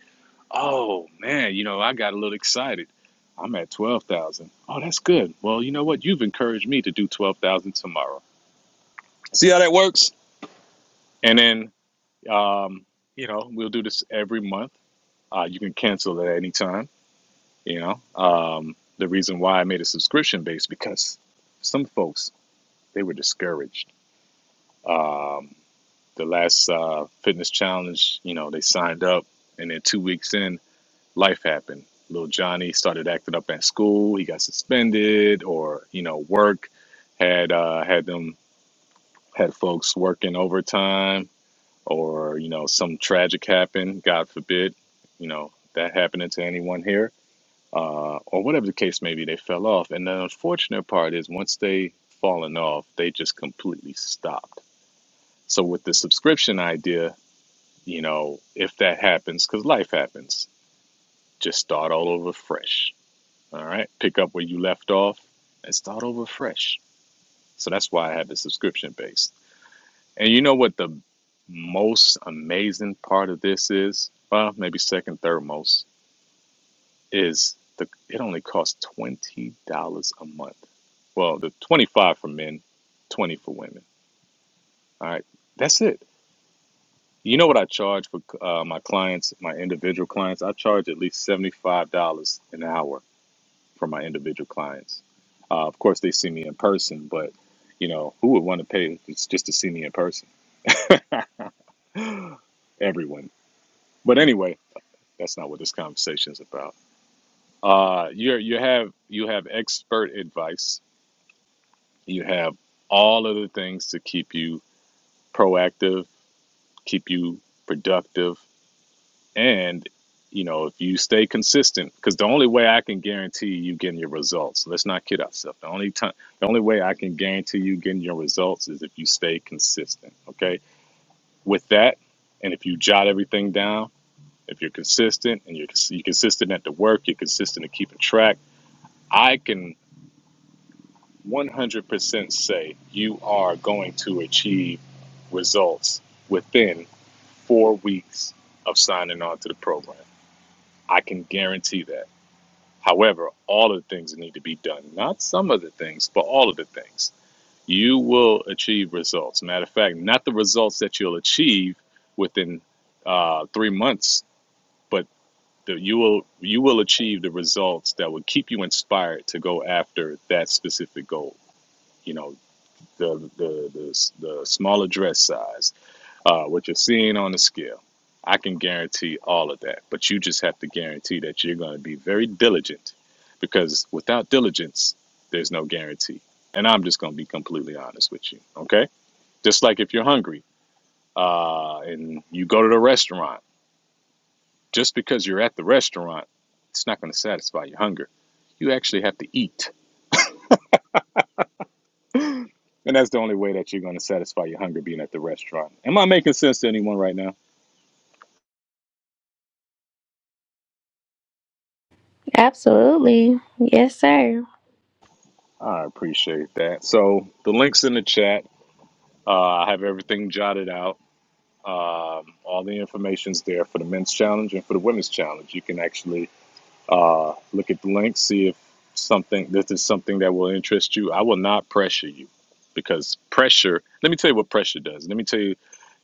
Oh, man, you know, I got a little excited. I'm at 12,000. Oh, that's good. Well, you know what? You've encouraged me to do 12,000 tomorrow. See how that works? And then, um, you know, we'll do this every month. Uh, you can cancel at any time. You know, um, the reason why I made a subscription base because some folks, they were discouraged. Um, The last uh, fitness challenge, you know, they signed up, and then two weeks in, life happened. Little Johnny started acting up at school. He got suspended, or you know, work had uh, had them had folks working overtime, or you know, some tragic happened. God forbid, you know, that happening to anyone here uh, or whatever the case may be, they fell off. And the unfortunate part is once they fallen off, they just completely stopped. So with the subscription idea, you know, if that happens, because life happens, just start all over fresh. All right. Pick up where you left off and start over fresh. So that's why I have the subscription base. And you know what the most amazing part of this is? Well, maybe second, third most is the it only costs twenty dollars a month. Well, the twenty five for men, twenty for women. All right. That's it You know what I charge for uh, my clients, my individual clients? I charge at least $75 an hour for my individual clients. Uh, of course, they see me in person, but you know, who would want to pay just to see me in person? Everyone. But anyway, that's not what this conversation is about. Uh, you you have you have expert advice. You have all of the things to keep you proactive, keep you productive, And, you know, if you stay consistent, because the only way I can guarantee you getting your results, let's not kid ourselves. The only time, the only way I can guarantee you getting your results is if you stay consistent. Okay. With that, and if you jot everything down, if you're consistent and you're, you're consistent at the work, you're consistent at keeping track, I can 100% say you are going to achieve results within four weeks of signing on to the program. I can guarantee that However, all of the things that need to be done, not some of the things, but all of the things. You will achieve results. Matter of fact, not the results that you'll achieve within uh, three months, but the, you will you will achieve the results that will keep you inspired to go after that specific goal. You know, the the the, the smaller dress size, uh, what you're seeing on the scale. I can guarantee all of that, but you just have to guarantee that you're going to be very diligent because without diligence, there's no guarantee. And I'm just going to be completely honest with you, okay? Just like if you're hungry uh, and you go to the restaurant, just because you're at the restaurant, it's not going to satisfy your hunger. You actually have to eat. And that's the only way that you're going to satisfy your hunger being at the restaurant. Am I making sense to anyone right now?
Absolutely. Yes, sir.
I appreciate that. So the link's in the chat Uh, I have everything jotted out. Um, all the information's there for the men's challenge and for the women's challenge. You can actually uh, look at the link, see if something this is something that will interest you. I will not pressure you because pressure. Let me tell you what pressure does. Let me tell you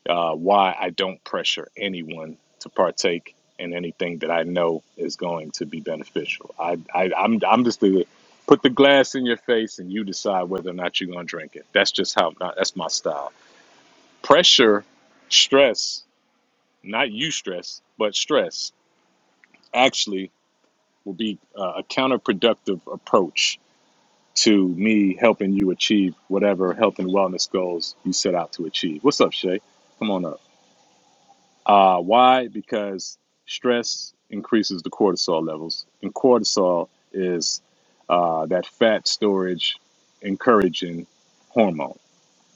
uh, why I don't pressure anyone to partake in anything that I know is going to be beneficial. I, I I'm I'm just the put the glass in your face and you decide whether or not you're gonna drink it. That's just how. That's my style pressure, stress, not you stress, but stress actually will be uh, a counterproductive approach to me helping you achieve whatever health and wellness goals you set out to achieve. What's up, Shay? Come on up. Uh, why? Because stress increases the cortisol levels, and cortisol is uh, that fat storage encouraging hormone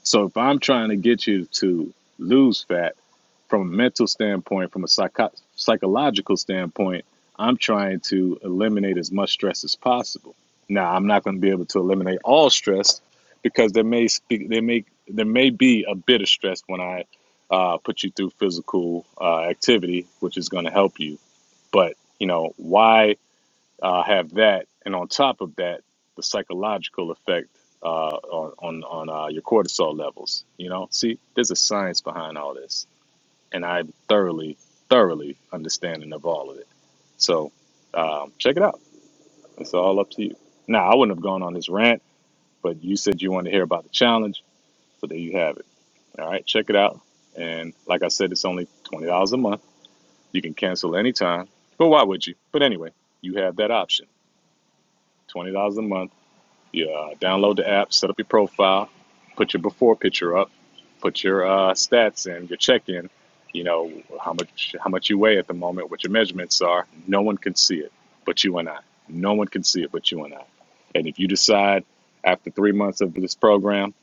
So if I'm trying to get you to lose fat from a mental standpoint, from a psycho- psychological standpoint, I'm trying to eliminate as much stress as possible. Now, I'm not going to be able to eliminate all stress because there may speak, there may there may be a bit of stress when I uh, put you through physical uh, activity, which is going to help you. But you know why? uh, have that, and on top of that, the psychological effect uh, on on, on uh, your cortisol levels. You know, see, there's a science behind all this, and I'm thoroughly, thoroughly understanding of all of it. So um, check it out. It's all up to you. Now, I wouldn't have gone on this rant, but you said you want to hear about the challenge, so there you have it. All right, check it out. And like I said, it's only twenty dollars a month. You can cancel anytime. But why would you? But anyway, you have that option. $20 a month You uh, download the app, set up your profile, put your before picture up, put your uh, stats in, your check-in. You know how much how much you weigh at the moment, what your measurements are. No one can see it, but you and I. No one can see it, but you and I. And if you decide after three months of this program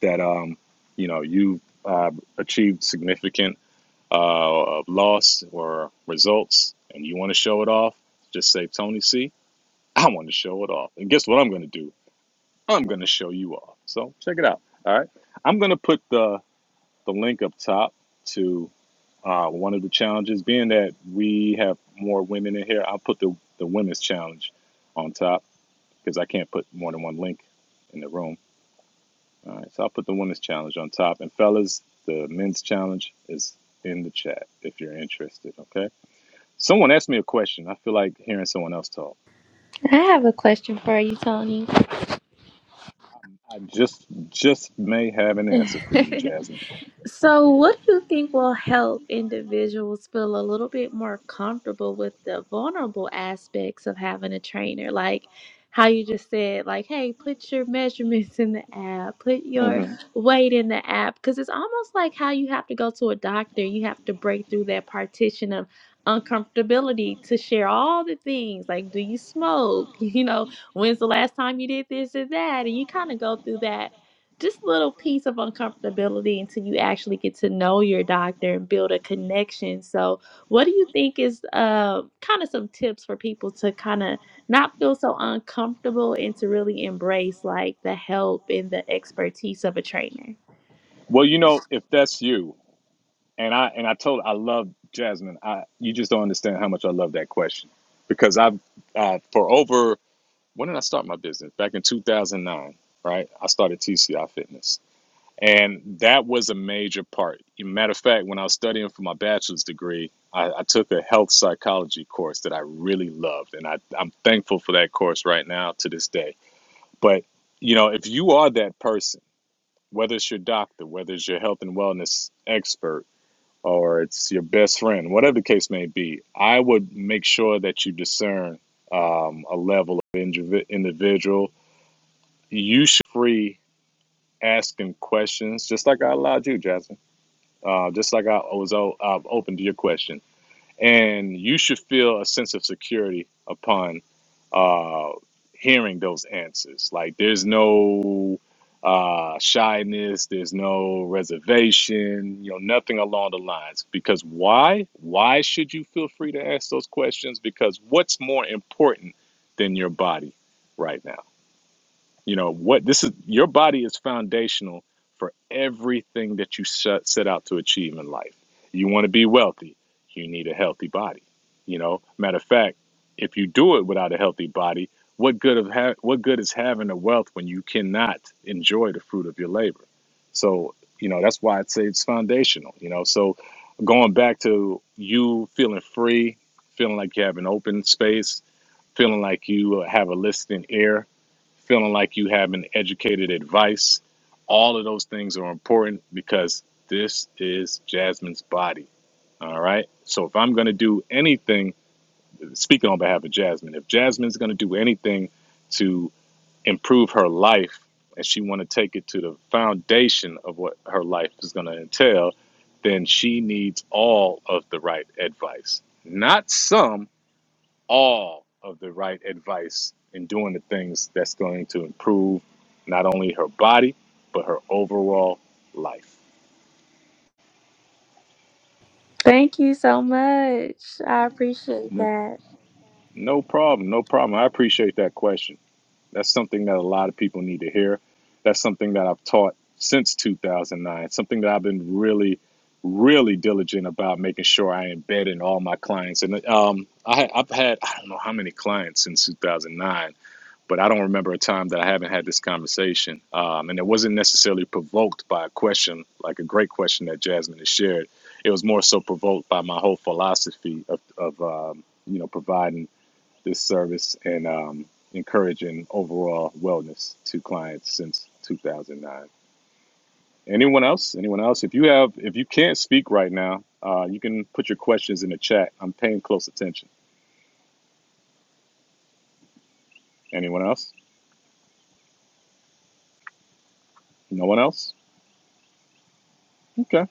that um, you know you uh, achieved significant uh, loss or results, and you want to show it off, just say Tony C. I want to show it off. And guess what I'm going to do? I'm going to show you all. So check it out. All right. I'm going to put the, the link up top to uh, one of the challenges. Being that we have more women in here, I'll put the, the women's challenge on top because I can't put more than one link in the room. All right. So I'll put the women's challenge on top. And fellas, the men's challenge is in the chat if you're interested. Okay. Someone asked me a question. I feel like hearing someone else talk.
I have a question for you, Tony.
I I just just may have an answer for you, Jasmine.
So, what do you think will help individuals feel a little bit more comfortable with the vulnerable aspects of having a trainer? Like how you just said, like, hey, put your measurements in the app, put your weight in the app. Because it's almost like how you have to go to a doctor, you have to break through that partition of uncomfortability to share all the things like do you smoke you know when's the last time you did this or that and you kind of go through that just little piece of uncomfortability until you actually get to know your doctor and build a connection. So, what do you think is uh, kind of some tips for people to kind of not feel so uncomfortable and to really embrace like the help and the expertise of a trainer?
Well, you know, if that's you, and I and I told I love Jasmine. I you just don't understand how much I love that question because I've uh, for over when did I start my business? Back in 2009, right? I started TCI Fitness, and that was a major part. Matter of fact, when I was studying for my bachelor's degree, I, I took a health psychology course that I really loved, and I, I'm thankful for that course right now to this day. But you know, if you are that person whether it's your doctor, whether it's your health and wellness expert, or it's your best friend, whatever the case may be, I would make sure that you discern um, a level of individual. You should be free asking questions, just like I allowed you, Jasmine. Uh, just like I was uh, open to your question and you should feel a sense of security upon uh, hearing those answers. Like there's no uh, shyness, there's no reservation, you know, nothing along the lines. Because why? Why should you feel free to ask those questions? Because what's more important than your body right now? You know what? This is your body is foundational for everything that you set, set out to achieve in life. You want to be wealthy, you need a healthy body. You know, matter of fact, if you do it without a healthy body, what good of ha- what good is having a wealth when you cannot enjoy the fruit of your labor? So you know that's why I'd say it's foundational. You know, so going back to you feeling free, feeling like you have an open space, feeling like you uh, have a listening ear feeling like you having educated advice. All of those things are important because this is Jasmine's body. All right. So if I'm going to do anything, speaking on behalf of Jasmine, if Jasmine's going to do anything to improve her life and she want to take it to the foundation of what her life is going to entail, then she needs all of the right advice, not some, all of the right advice and doing the things that's going to improve not only her body, but her overall life?
Thank you so much. I appreciate
No,
that.
no problem. No problem. I appreciate that question. That's something that a lot of people need to hear. That's something that I've taught since 2009, something that I've been really, really diligent about making sure I embed in all my clients. And um, I, I've had, I don't know how many clients since 2009 but I don't remember a time that I haven't had this conversation. Um, and it wasn't necessarily provoked by a question, like a great question that Jasmine has shared. It was more so provoked by my whole philosophy of, of um, you know, providing this service and um, encouraging overall wellness to clients since 2009. Anyone else? Anyone else? If you have, if you can't speak right now, uh, you can put your questions in the chat. I'm paying close attention. Anyone else? No one else? Okay.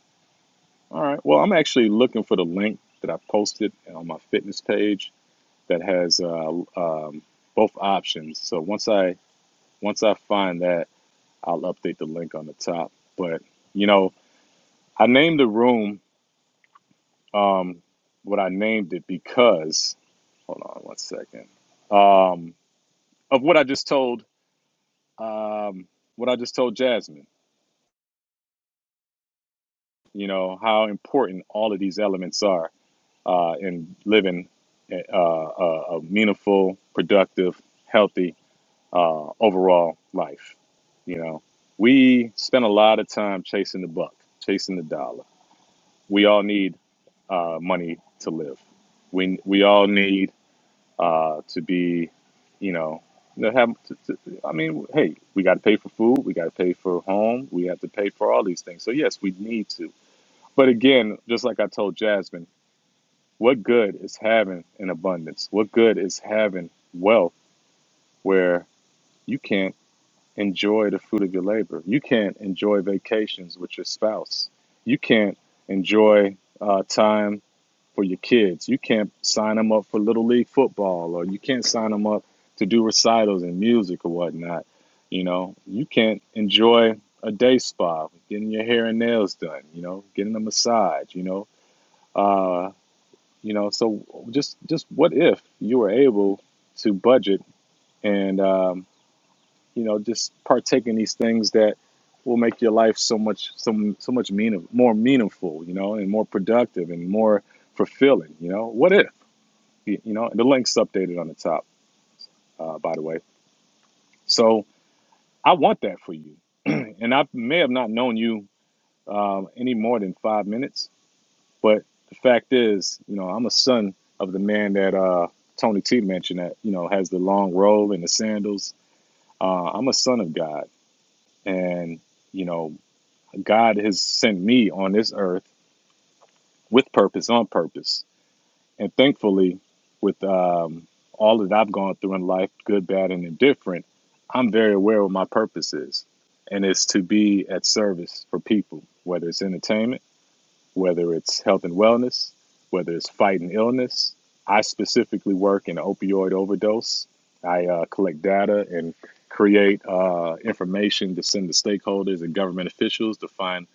All right. Well, I'm actually looking for the link that I posted on my fitness page that has uh, um, both options. So once I once I find that, I'll update the link on the top. But you know, I named the room um, what I named it because. Hold on one second. Um, of what I just told um, what I just told Jasmine. You know how important all of these elements are uh, in living uh, a, a meaningful, productive, healthy uh, overall life. You know, we spend a lot of time chasing the buck, chasing the dollar. We all need uh, money to live. We we all need uh, to be, you know, to have. To, to, I mean, hey, we got to pay for food. We got to pay for home. We have to pay for all these things. So yes, we need to. But again, just like I told Jasmine. What good is having an abundance? What good is having wealth where you can't enjoy the fruit of your labor? You can't enjoy vacations with your spouse. You can't enjoy uh, time for your kids. You can't sign them up for little league football, or you can't sign them up to do recitals and music or whatnot. You know, you can't enjoy a day spa, getting your hair and nails done. You know, getting a massage. You know. uh you know so just just what if you were able to budget and um, you know just partake in these things that will make your life so much so, so much meaning, more meaningful you know and more productive and more fulfilling you know what if you, you know the link's updated on the top uh, by the way so i want that for you and i may have not known you um, any more than five minutes But the fact is, you know, I'm a son of the man that uh, Tony T mentioned that, you know, has the long robe and the sandals. Uh, I'm a son of God. And, you know, God has sent me on this earth with purpose, on purpose. And thankfully, with um, all that I've gone through in life, good, bad, and indifferent, I'm very aware of what my purpose is. And it's to be at service for people, whether it's entertainment whether it's health and wellness, whether it's fighting illness. I specifically work in opioid overdose. I uh, collect data and create uh, information to send to stakeholders and government officials to find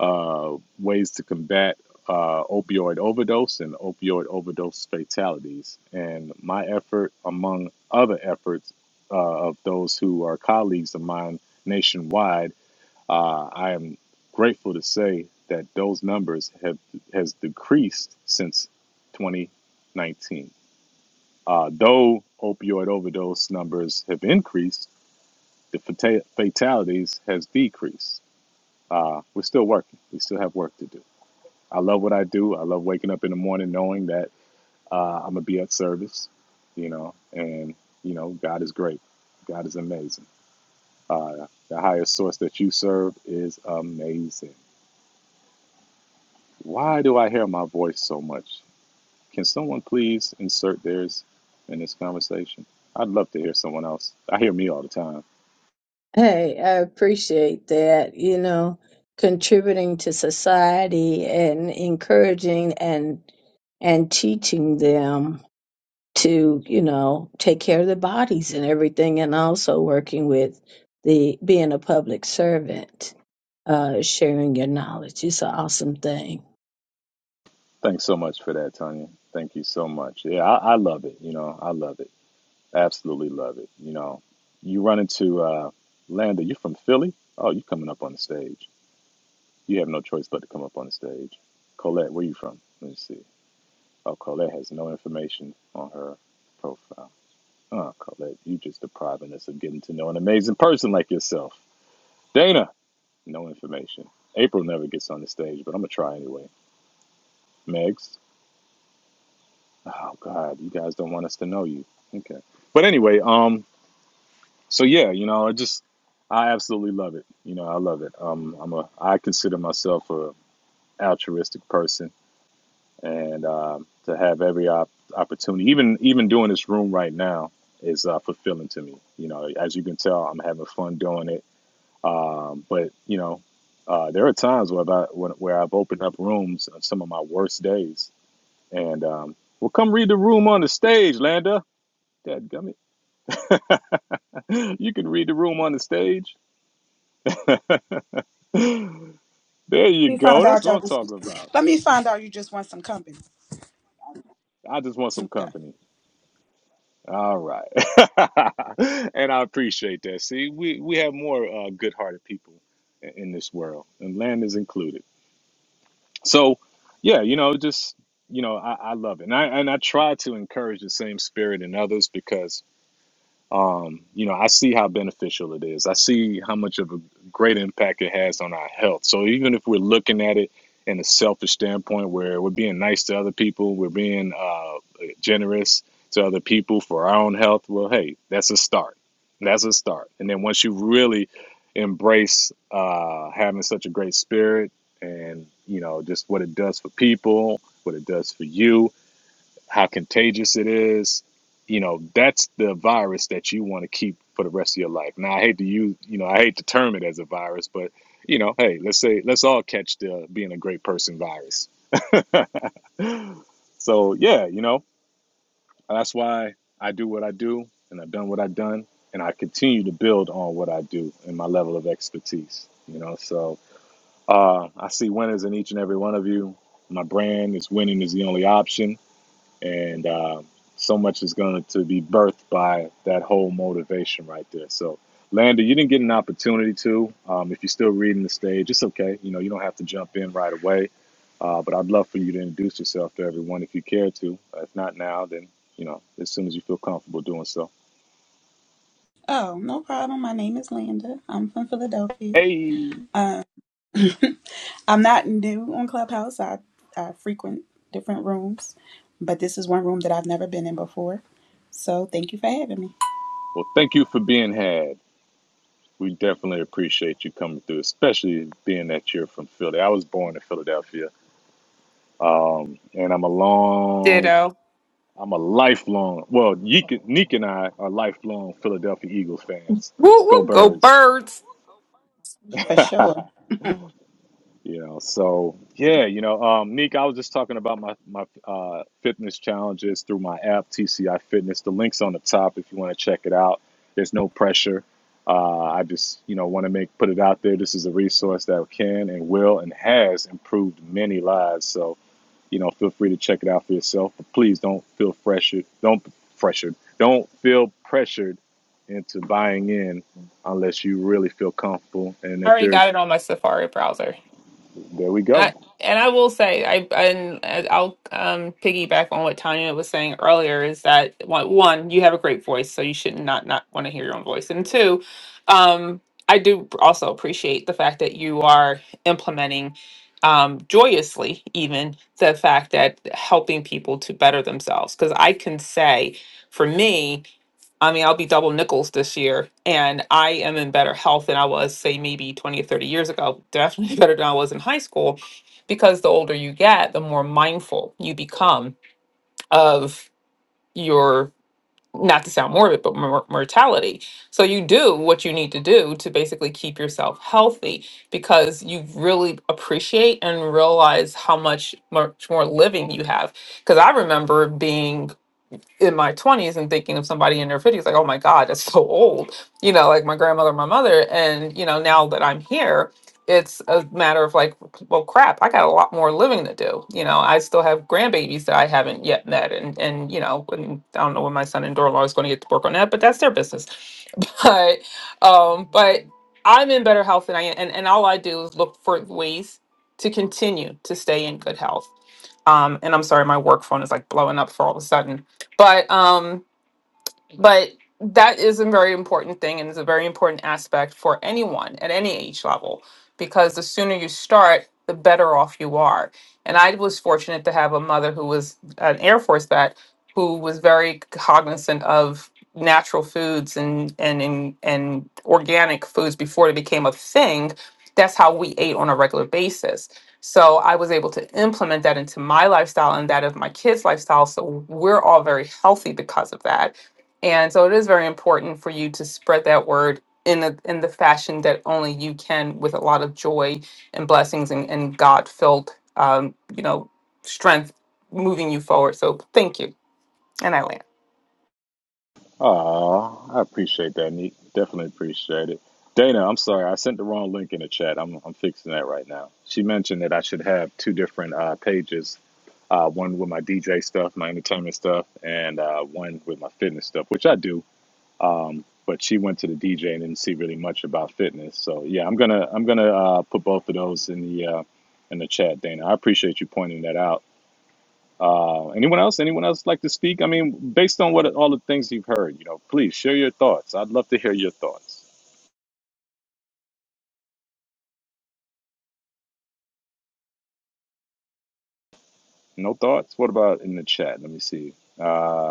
uh, ways to combat uh, opioid overdose and opioid overdose fatalities. And my effort, among other efforts uh, of those who are colleagues of mine nationwide, uh, I am grateful to say that those numbers have has decreased since 2019. Uh, though opioid overdose numbers have increased, the fata- fatalities has decreased. Uh, we're still working. We still have work to do. I love what I do. I love waking up in the morning knowing that uh, I'm gonna be at service. You know, and you know, God is great. God is amazing. Uh, the highest source that you serve is amazing Why do I hear my voice so much? Can someone please insert theirs in this conversation? I'd love to hear someone else. I hear me all the time.
Hey, I appreciate that. You know, contributing to society and encouraging and and teaching them. to you know take care of the bodies and everything and also working with the being a public servant uh sharing your knowledge it's an awesome thing
Thanks so much for that, Tanya. Thank you so much. Yeah, I, I love it. You know, I love it. Absolutely love it. You know, you run into uh, Landa. You're from Philly. Oh, you coming up on the stage. You have no choice but to come up on the stage. Colette, where you from? Let me see. Oh, Colette has no information on her profile. Oh, Colette, you just depriving us of getting to know an amazing person like yourself. Dana, no information. April never gets on the stage, but I'm gonna try anyway. Megs, oh God, you guys don't want us to know you. Okay, but anyway, um, so yeah, you know, I just, I absolutely love it. You know, I love it. Um, I'm a, I consider myself a altruistic person, and um, to have every op- opportunity, even even doing this room right now, is uh, fulfilling to me. You know, as you can tell, I'm having fun doing it Um, but you know, uh, there are times where I when, where I've opened up rooms on some of my worst days, and um, well, come read the room on the stage, Landa. Dadgummit. you can read the room on the stage. there you
Let me find
go. That's
out
what
y'all
I'm
just.
talking about.
Let me find out you just want some company.
I just want some
Okay.
company. All right, and I appreciate that. See, we we have more uh, good-hearted people i- in this world, and Land is included. So, yeah, you know, just you know, I, I love it, and I and I try to encourage the same spirit in others because um, you know, I see how beneficial it is. I see how much of a great impact it has on our health. So even if we're looking at it in a selfish standpoint, where we're being nice to other people, we're being uh, generous to other people for our own health. Well, hey, that's a start. That's a start. And then once you really embrace uh, having such a great spirit, and you know just what it does for people, what it does for you, how contagious it is. You know, that's the virus that you want to keep for the rest of your life. Now, I hate to use, you know, I hate to term it as a virus, but you know, hey, let's say let's all catch the being a great person virus. so yeah, you know, that's why I do what I do, and I've done what I've done, and I continue to build on what I do and my level of expertise. You know, so uh, I see winners in each and every one of you. My brand is winning is the only option and uh, so much is going to be birthed by that whole motivation right there. So, Lander, you didn't get an opportunity to. Um, if you're still reading the stage, it's okay. You know, you don't have to jump in right away. Uh, but I'd love for you to introduce yourself to everyone if you care to. If not now, then you know, as soon as you feel comfortable doing so.
Oh, no problem. My name is Linda. I'm from Philadelphia.
Hey,
Uh, I'm not new on Clubhouse. I I frequent different rooms, but this is one room that I've never been in before. So thank you for having me.
well, thank you for being had. We definitely appreciate you coming through, especially being that you're from Philly. I was born in Philadelphia, um, and I'm a long
Ditto.
I'm a lifelong. Well, Yeek, Neek and I are lifelong Philadelphia Eagles fans.
Woo
Go
woo. Go
Birds!
birds.
you
For sure.
know, so yeah, you know, um, Neek, I was just talking about my my uh, fitness challenges through my app TCI Fitness. The link's on the top if you want to check it out. There's no pressure. Uh, I just you know want to make put it out there. This is a resource that can and will and has improved many lives. So you know, feel free to check it out for yourself. But please don't feel pressured. Don't pressured. Don't feel pressured into buying in unless you really feel comfortable. And
I
if
already
there's,
got it on my Safari browser.
there we
And I
go.
and I will say I and I'll um piggyback on what Tanya was saying earlier is that one one you have a great voice so you should not not want to hear your own voice and two um I do also appreciate the fact that you are implementing um joyously even the fact that helping people to better themselves because I can say for me I mean, I'll be double nickels this year, and I am in better health than I was, say, maybe 20 or 30 years ago. Definitely better than I was in high school because the older you get, the more mindful you become of your, not to sound morbid, but mor- mortality. So you do what you need to do to basically keep yourself healthy because you really appreciate and realize how much, much more living you have. Because I remember being in my 20s and thinking of somebody in their 50s like oh my god that's so old you know like my grandmother my mother and you know now that i'm here it's a matter of like well crap i got a lot more living to do you know i still have grandbabies that i haven't yet met and and you know and i don't know when my son and daughter-in-law is going to get to work on that but that's their business but um but i'm in better health than i am and, and all i do is look for ways to continue to stay in good health um, and I'm sorry, my work phone is like blowing up for all of a sudden. But um, but that is a very important thing and it's a very important aspect for anyone at any age level because the sooner you start the better off you are and i was fortunate to have a mother who was an air force vet who was very cognizant of natural foods and and and, and organic foods before it became a thing that's how we ate on a regular basis so i was able to implement that into my lifestyle and that of my kids lifestyle so we're all very healthy because of that and so it is very important for you to spread that word in a, in the fashion that only you can with a lot of joy and blessings and, and God filled um, you know, strength moving you forward. So thank you. And I land.
Ah, I appreciate that, Neat. Definitely appreciate it. Dana, I'm sorry, I sent the wrong link in the chat. I'm I'm fixing that right now. She mentioned that I should have two different uh, pages. Uh, one with my DJ stuff, my entertainment stuff, and uh, one with my fitness stuff, which I do. Um, but she went to the DJ and didn't see really much about fitness. So yeah, I'm gonna I'm gonna uh, put both of those in the uh, in the chat, Dana. I appreciate you pointing that out. Uh, anyone else? Anyone else like to speak? I mean, based on what all the things you've heard, you know, please share your thoughts. I'd love to hear your thoughts. No thoughts? What about in the chat? Let me see. Uh,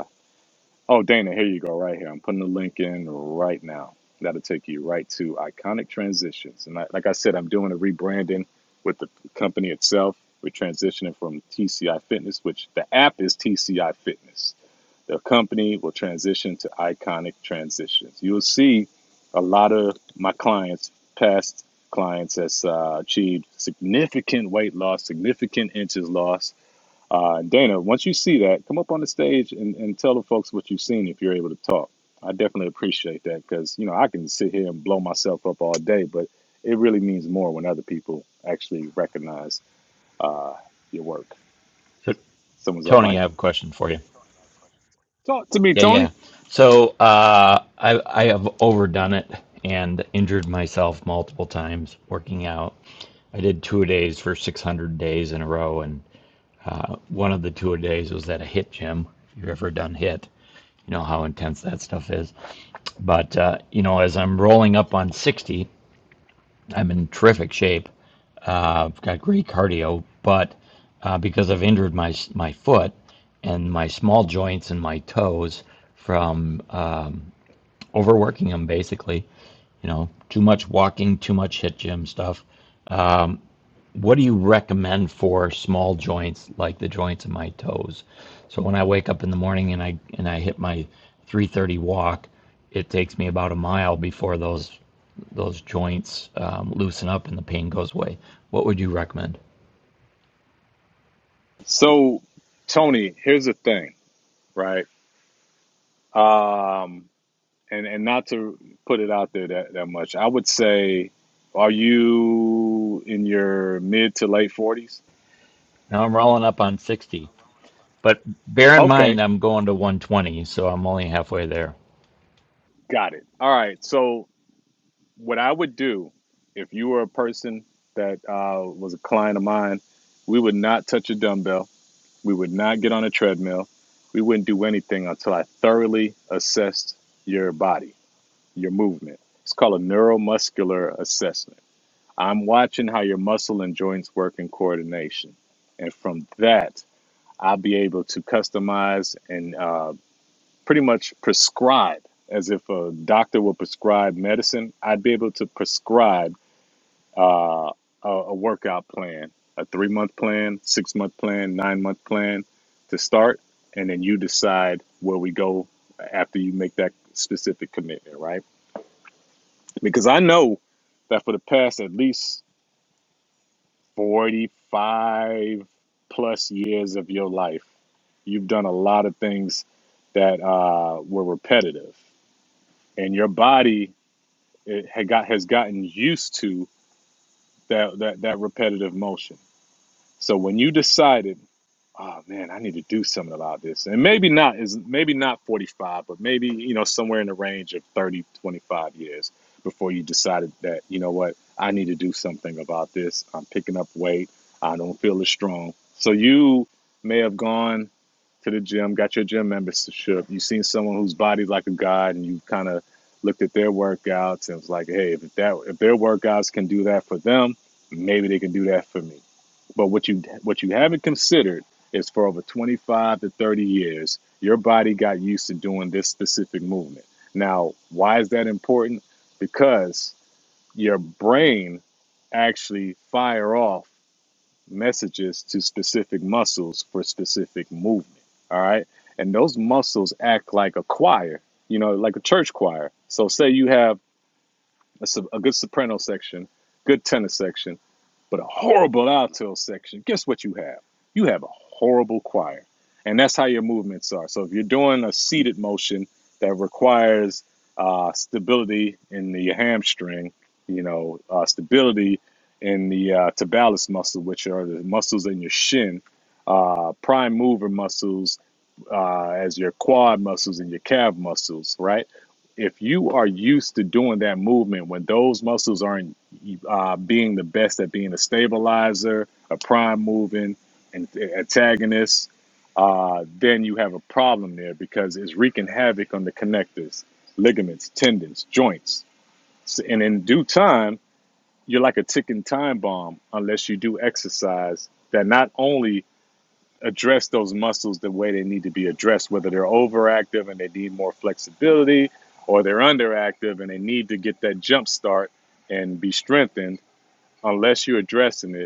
Oh, Dana, here you go, right here. I'm putting the link in right now. That'll take you right to Iconic Transitions. And I, like I said, I'm doing a rebranding with the company itself. We're transitioning from TCI Fitness, which the app is TCI Fitness. The company will transition to Iconic Transitions. You'll see a lot of my clients, past clients, has uh, achieved significant weight loss, significant inches lost uh, Dana, once you see that, come up on the stage and, and tell the folks what you've seen if you're able to talk. I definitely appreciate that because, you know, I can sit here and blow myself up all day, but it really means more when other people actually recognize uh, your work.
So,
Someone's off
Tony,
mic.
I have a question for you.
Talk to me,
Yeah,
Tony.
yeah. So, uh, I, I have overdone it and injured myself multiple times working out. I did two a days for 600 days in a row, and one of the two a days was at a hit gym. If you've ever done hit, you know how intense that stuff is. But, uh, you know, as I'm rolling up on 60, I'm in terrific shape Uh, I've got great cardio, but uh, because I've injured my my foot and my small joints and my toes from uh, overworking them, basically, you know, too much walking, too much hit gym stuff. What do you recommend for small joints like the joints in my toes? So when I wake up in the morning and I and I hit my 3:30 walk, it takes me about a mile before those those joints um, loosen up and the pain goes away. What would you recommend?
So, Tony, here's the thing, right? Um, and, and not to put it out there that, that much, I would say, are you in your mid to late 40s?
Now I'm rolling up on 60. But bear in
Okay
mind, I'm going to 120, so I'm only halfway there.
Got it. All right. So what I would do if you were a person that uh, was a client of mine, we would not touch a dumbbell. We would not get on a treadmill. We wouldn't do anything until I thoroughly assessed your body, your movement. It's called a neuromuscular assessment. I'm watching how your muscle and joints work in coordination. And from that, I'll be able to customize and. uh, pretty much prescribe as if a doctor would prescribe medicine. I'd be able to prescribe uh, a, a workout plan, a three month plan, six month plan, nine month plan to start, and then you decide where we go after you make that specific commitment, right? Because I know that for the past at least 45 plus years of your life, you've done a lot of things that uh, were repetitive, and your body. it had got has gotten used to that that that repetitive motion. So when you decided, oh man, I need to do something about this, and maybe not is maybe not 45, but maybe you know somewhere in the range of 30 25 years before you decided that you know what, I need to do something about this. I'm picking up weight. I don't feel as strong. So you may have gone to the gym, got your gym membership. You've seen someone whose body's like a god, and you kind of looked at their workouts and was like, hey, if that if their workouts can do that for them, maybe they can do that for me but what you what you haven't considered is for over 25 to 30 years, your body got used to doing this specific movement. Now, why is that important? Because your brain actually fire off messages to specific muscles for specific movement. All right. And those muscles act like a choir, you know, like a church choir. So say you have a, sob- a good soprano section, good tenor section, but a horrible alto section, guess what you have? You have a horrible choir. And that's how your movements are. So if you're doing a seated motion that requires uh, stability in the hamstring, you know, uh, stability in the uh, tibialis muscle, which are the muscles in your shin, uh, prime mover muscles uh, as your quad muscles and your calf muscles, right? If you are used to doing that movement when those muscles aren't uh, being the best at being a stabilizer, a prime moving, and antagonist, uh, then you have a problem there because it's wreaking havoc on the connectors, ligaments, tendons, joints. S- And in due time, you're like a ticking time bomb unless you do exercise that not only address those muscles the way they need to be addressed, whether they're overactive and they need more flexibility or they're underactive and they need to get that jump start and be strengthened. Unless you're addressing it,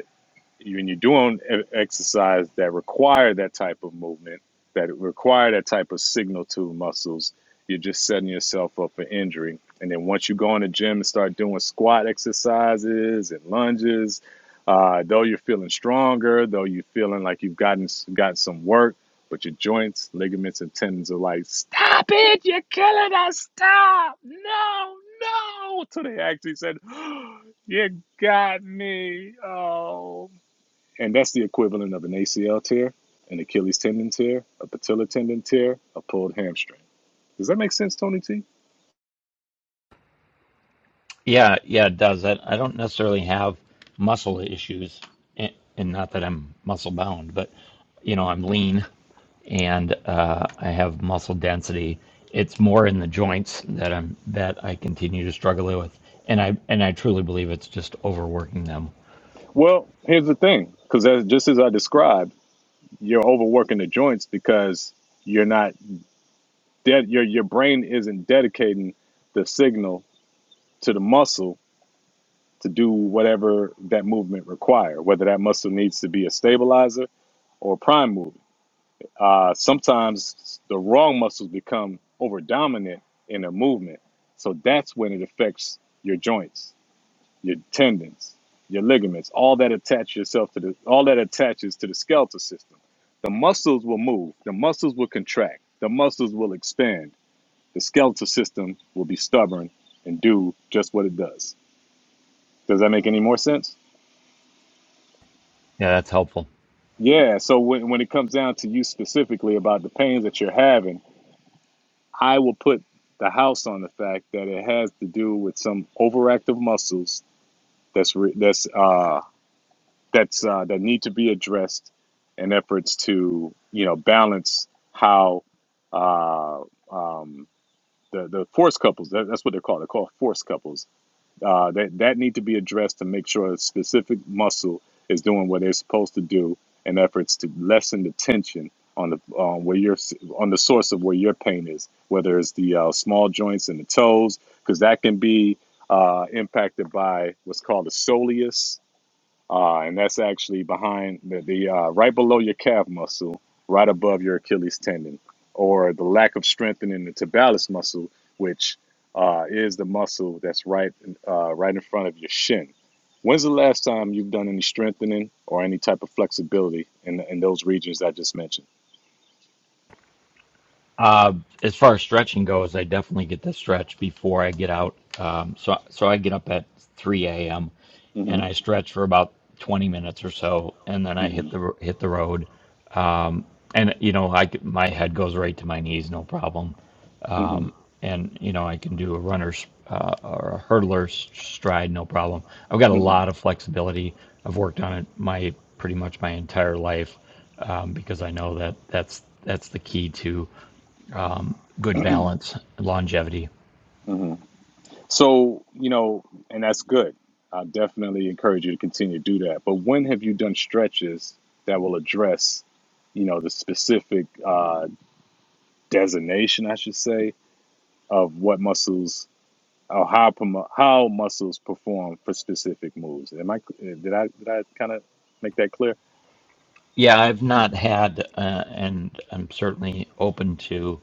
when you're doing e- exercise that require that type of movement, that require that type of signal to muscles, you're just setting yourself up for injury. And then once you go in the gym and start doing squat exercises and lunges, uh, though you're feeling stronger, though you're feeling like you've gotten got some work, but your joints, ligaments, and tendons are like, stop it! You're killing us! Stop! No, no! Till they actually said, you got me. Oh and that's the equivalent of an ACL tear, an Achilles tendon tear, a patellar tendon tear, a pulled hamstring. Does that make sense, Tony T?
Yeah, yeah, it does. I, I don't necessarily have muscle issues, and, and not that I'm muscle bound, but you know, I'm lean and uh, I have muscle density. It's more in the joints that I'm that I continue to struggle with, and I and I truly believe it's just overworking them.
Well, here's the thing, because just as I described, you're overworking the joints because you're not dead. Your your brain isn't dedicating the signal to the muscle to do whatever that movement require, whether that muscle needs to be a stabilizer or prime mover. uh, sometimes the wrong muscles become over dominant in a movement. So that's when it affects your joints, your tendons, your ligaments, all that attach yourself to the all that attaches to the skeletal system. The muscles will move, the muscles will contract, the muscles will expand. The skeletal system will be stubborn and do just what it does. Does that make any more sense?
Yeah, that's helpful.
Yeah. So when, when it comes down to you specifically about the pains that you're having, I will put the house on the fact that it has to do with some overactive muscles that's re- that's uh, that's uh, that need to be addressed in efforts to you know balance how uh, um, the the force couples that, that's what they're called they're called force couples uh, that that need to be addressed to make sure a specific muscle is doing what they're supposed to do in efforts to lessen the tension on the um, where your on the source of where your pain is, whether it's the uh, small joints and the toes, because that can be uh, impacted by what's called a soleus, uh, and that's actually behind the, the uh, right below your calf muscle, right above your Achilles tendon, or the lack of strengthening the tibialis muscle, which uh, is the muscle that's right uh, right in front of your shin. When's the last time you've done any strengthening or any type of flexibility in, in those regions I just mentioned?
Uh, as far as stretching goes, I definitely get the stretch before I get out. Um, so so I get up at 3 a.m.
hmm
and I stretch for about 20 minutes or so, and then I
hmm
hit the hit the road. And you know, I c- my head goes right to my knees, no problem. And you know, I can do a runner's uh, or a hurdler's stride, no problem. I've got a
hmm
lot of flexibility. I've worked on it my pretty much my entire life um, because I know that that's that's the key to um, good balance, longevity.
hmm So, you know, and that's good. I definitely encourage you to continue to do that. But when have you done stretches that will address, you know, the specific uh, designation, I should say, of what muscles or how promo- how muscles perform for specific moves? Am I did I did I kind of make that clear?
Yeah, I've not had, uh, and I'm certainly open to,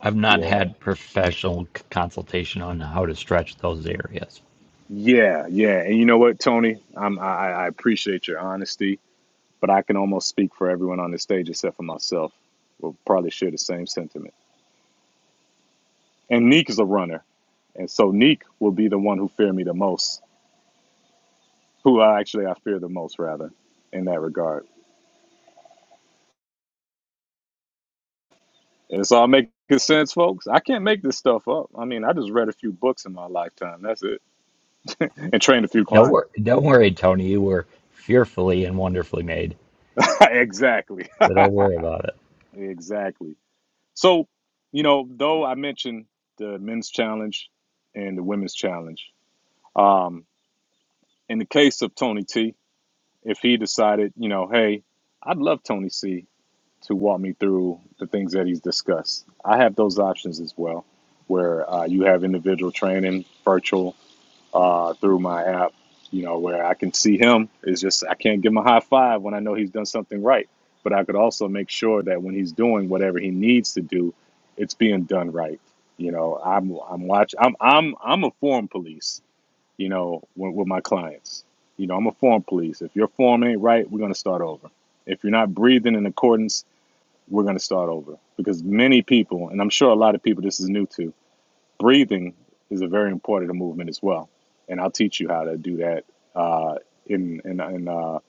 I've not
Yeah,
had professional c- consultation on how to stretch those areas.
yeah, yeah. And you know what, Tony, I'm, I I I appreciate your honesty, but I can almost speak for everyone on the stage except for myself. We'll probably share the same sentiment. and Neek is a runner, and so Neek will be the one who fear me the most, who I actually I fear the most rather in that regard. And it's all making sense, folks. I can't make this stuff up. I mean, I just read a few books in my lifetime. That's it, and trained a few
Don't
clients.
worry, don't worry, Tony. You were fearfully and wonderfully made,
exactly,
so don't worry about it.
exactly. So, you know, though I mentioned the men's challenge and the women's challenge, um, in the case of Tony T, if he decided, you know, hey, I'd love Tony C to walk me through the things that he's discussed. I have those options as well, where uh, you have individual training, virtual, uh, through my app, you know, where I can see him. It's just I can't give him a high five when I know he's done something right. But I could also make sure that when he's doing whatever he needs to do, it's being done right. You know, I'm I'm watch I'm I'm I'm a form police. You know, with, with my clients. You know, I'm a form police. If your form ain't right, we're gonna start over. If you're not breathing in accordance we're going to start over because many people, and I'm sure a lot of people this is new to, breathing is a very important movement as well. And I'll teach you how to do that uh, in in in, uh,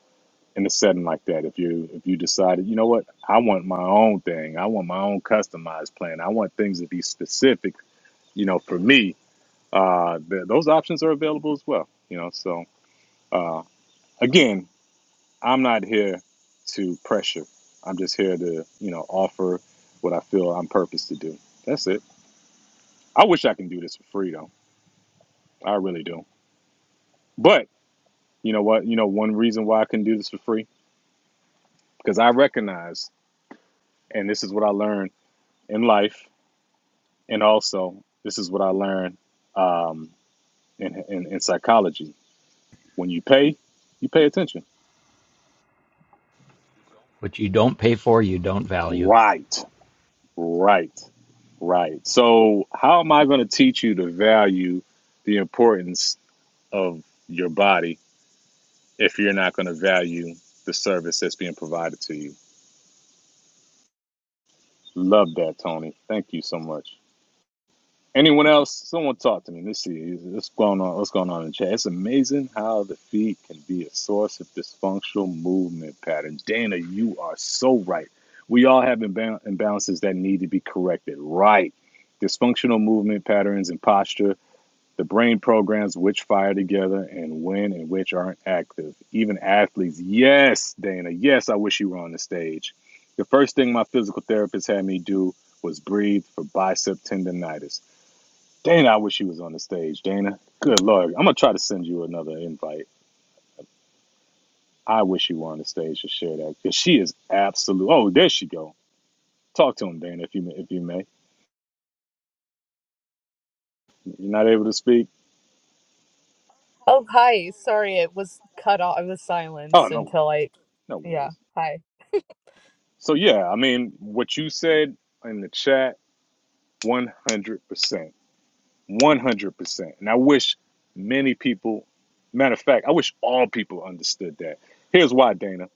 in a setting like that. If you if you decided, you know what, I want my own thing. I want my own customized plan. I want things to be specific. You know, for me, uh, th- those options are available as well. You know, so uh, again, I'm not here to pressure. I'm just here to, you know, offer what I feel I'm purposed to do. That's it. I wish I can do this for free though. I really do. But you know what? You know, one reason why I can do this for free because I recognize, and this is what I learned in life, and also this is what I learned um, in, in in psychology. When you pay, you pay attention.
What you don't pay for, you don't value.
Right, right, right. So how am I going to teach you to value the importance of your body if you're not going to value the service that's being provided to you. Love that, Tony. Thank you so much. Anyone else? Someone talk to me. Let's see. What's going on? What's going on in the chat? It's amazing how the feet can be a source of dysfunctional movement patterns. Dana, you are so right. We all have imba- imbalances that need to be corrected. Right. Dysfunctional movement patterns and posture The brain programs which fire together and when and which aren't active. Even athletes. Yes, Dana. Yes, I wish you were on the stage. The first thing my physical therapist had me do was breathe for bicep tendonitis. Dana, I wish you was on the stage. Dana, good lord. I'm gonna try to send you another invite. I wish you were on the stage to share that because she is absolute. Oh, there she go. Talk to him, Dana, if you if you may. You're not able to speak.
Oh, hi. Sorry, it was cut off. I was
Oh,
silenced
no worries.
until I,
No
yeah,
worries.
hi.
So yeah, I mean, what you said in the chat 100%. 100%. And I wish many people, matter of fact, I wish all people understood that. Here's why, Dana.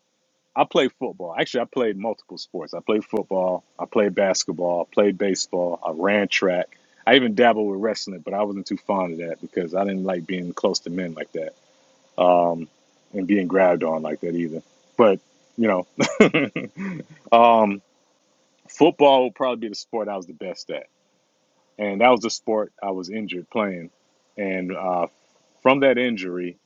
I played football. Actually, I played multiple sports. I played football, I played basketball, I played baseball, I ran track. I even dabbled with wrestling, but I wasn't too fond of that because I didn't like being close to men like that um, and being grabbed on like that either. But, you know, um, football would probably be the sport I was the best at and that was the sport I was injured playing. And uh, from that injury,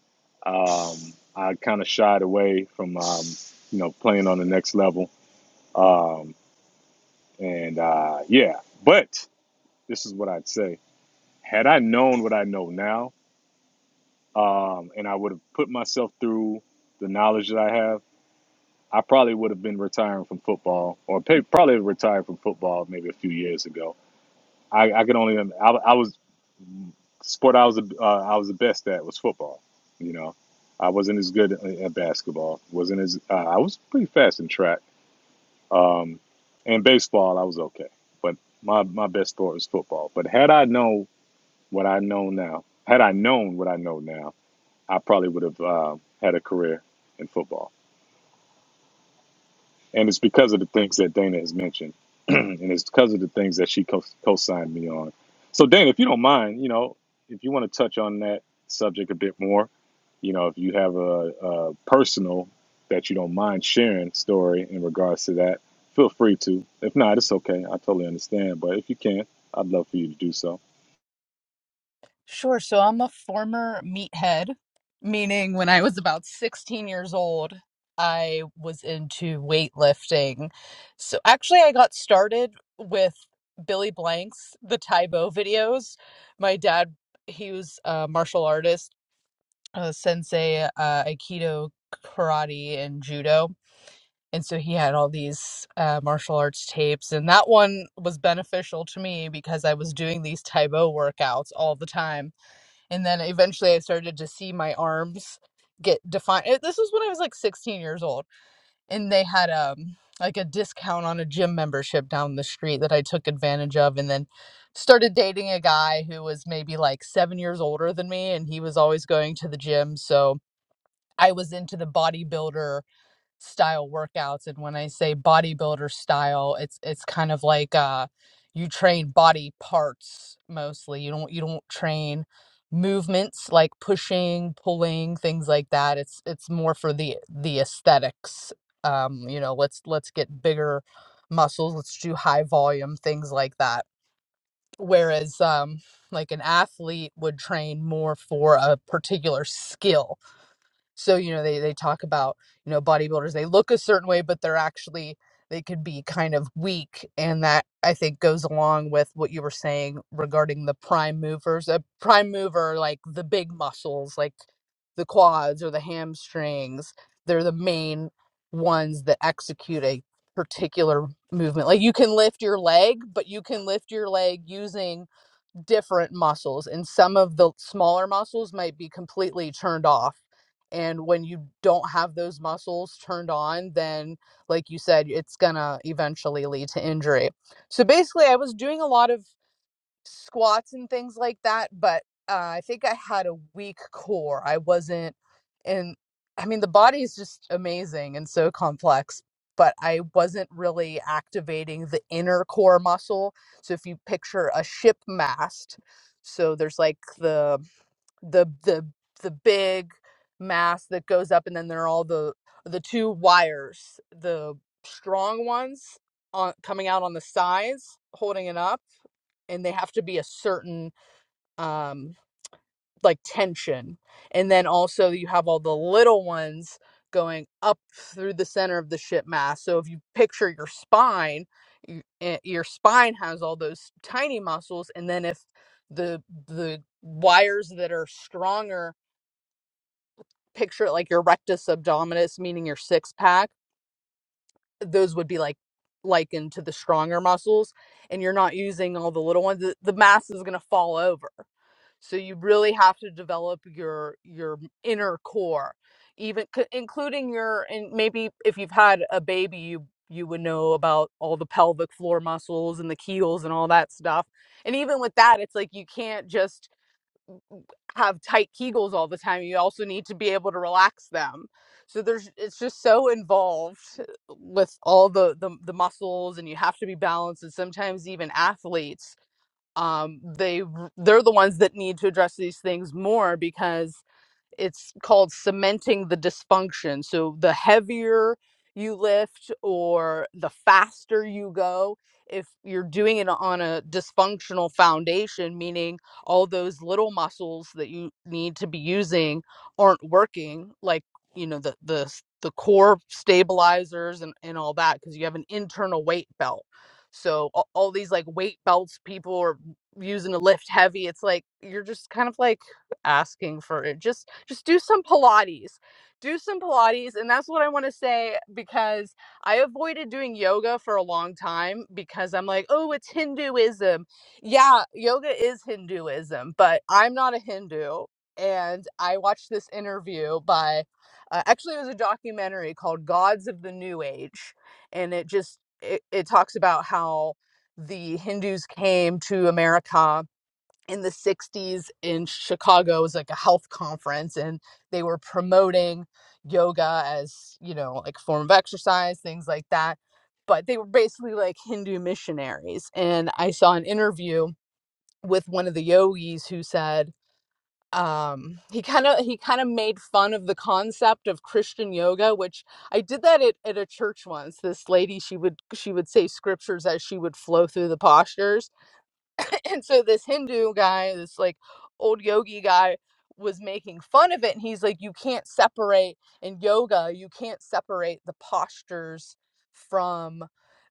um, I kind of shied away from um, you know playing on the next level. Um, and uh, yeah, but this is what I'd say: had I known what I know now, um, and I would have put myself through the knowledge that I have, I probably would have been retiring from football, or pay, probably retired from football maybe a few years ago I, I could only I, I was sport I was the- uh, I was the best at was football. You know, I wasn't as good at basketball. wasn't as uh, I was pretty fast in track. Um, and baseball I was okay, but my my best sport was football. But had I known what I know now, had I known what I know now, I probably would have uh, had a career in football. and it's because of the things that Dana has mentioned, and it's because of the things that she co- co-signed me on. So, Dana, if you don't mind, you know, if you want to touch on that subject a bit more, you know, if you have a, a personal that you don't mind sharing story in regards to that, feel free to. If not, it's okay. I totally understand. But if you can, I'd love for you to do so.
Sure. So I'm a former meathead, meaning when I was about 16 years old, I was into weightlifting. So actually, I got started with Billy Blank's the Taibo videos. My dad, he was a martial artist, a sensei, uh, Aikido, karate, and judo and so he had all these uh, martial arts tapes and that one was beneficial to me because i was doing these taibo workouts all the time and then eventually i started to see my arms get defined It- this was when i was like 16 years old and they had um like a discount on a gym membership down the street that i took advantage of and then started dating a guy who was maybe like seven years older than me and he was always going to the gym so i was into the bodybuilder style workouts and when i say bodybuilder style it's it's kind of like uh you train body parts mostly you don't you don't train movements like pushing pulling things like that it's it's more for the the aesthetics um you know let's let's get bigger muscles let's do high volume things like that whereas um like an athlete would train more for a particular skill so you know they they talk about you know bodybuilders they look a certain way but they're actually they could be kind of weak and that i think goes along with what you were saying regarding the prime movers a prime mover like the big muscles like the quads or the hamstrings they're the main ones that execute a particular movement like you can lift your leg but you can lift your leg using different muscles and some of the smaller muscles might be completely turned off and when you don't have those muscles turned on then like you said it's gonna eventually lead to injury so basically i was doing a lot of squats and things like that, but uh, I think I had a weak core. I wasn't, and I mean, the body is just amazing and so complex, but I wasn't really activating the inner core muscle. So if you picture a ship mast, so there's like the the the the big mast that goes up, and then there are all the the two wires, the strong ones on coming out on the sides, holding it up and they have to be a certain um like tension and then also you have all the little ones going up through the center of the ship mass so if you picture your spine y- eh, your spine has all those tiny muscles and then if the the wires that are stronger picture it like your rectus abdominis meaning your six pack those would be like likened to the stronger muscles and you're not using all the little ones the, the mass is going to fall over so you really have to develop your your inner core even c- including your and maybe if you've had a baby you you would know about all the pelvic floor muscles and the keels and all that stuff and even with that it's like you can't just have tight kegels all the time you also need to be able to relax them so there's it's just so involved with all the the, the muscles and you have to be balanced and sometimes even athletes um they they're the ones that need to address these things more because it's called cementing the dysfunction. So the heavier you lift or the faster you go, if you're doing it on a dysfunctional foundation, meaning all those little muscles that you need to be using aren't working, like you know the the s- the core stabilizers and, and all that because you have an internal weight belt so all, all these like weight belts people are using to lift heavy it's like you're just kind of like asking for it. Just just do some Pilates. Do some Pilates and that's what I want to say because I avoided doing yoga for a long time because I'm like, "Oh, it's Hinduism." Yeah, yoga is Hinduism, but I'm not a Hindu and I watched this interview by uh, actually it was a documentary called Gods of the New Age and it just it, it talks about how the Hindus came to America in the 60s in Chicago. It was like a health conference, and they were promoting yoga as, you know, like form of exercise, things like that. But they were basically like Hindu missionaries. And I saw an interview with one of the yogis who said, um he kind of he kind of made fun of the concept of christian yoga which i did that at, at a church once this lady she would she would say scriptures as she would flow through the postures and so this Hindu guy, this like old yogi guy, was making fun of it. And he's like, you can't separate in yoga, you can't separate the postures from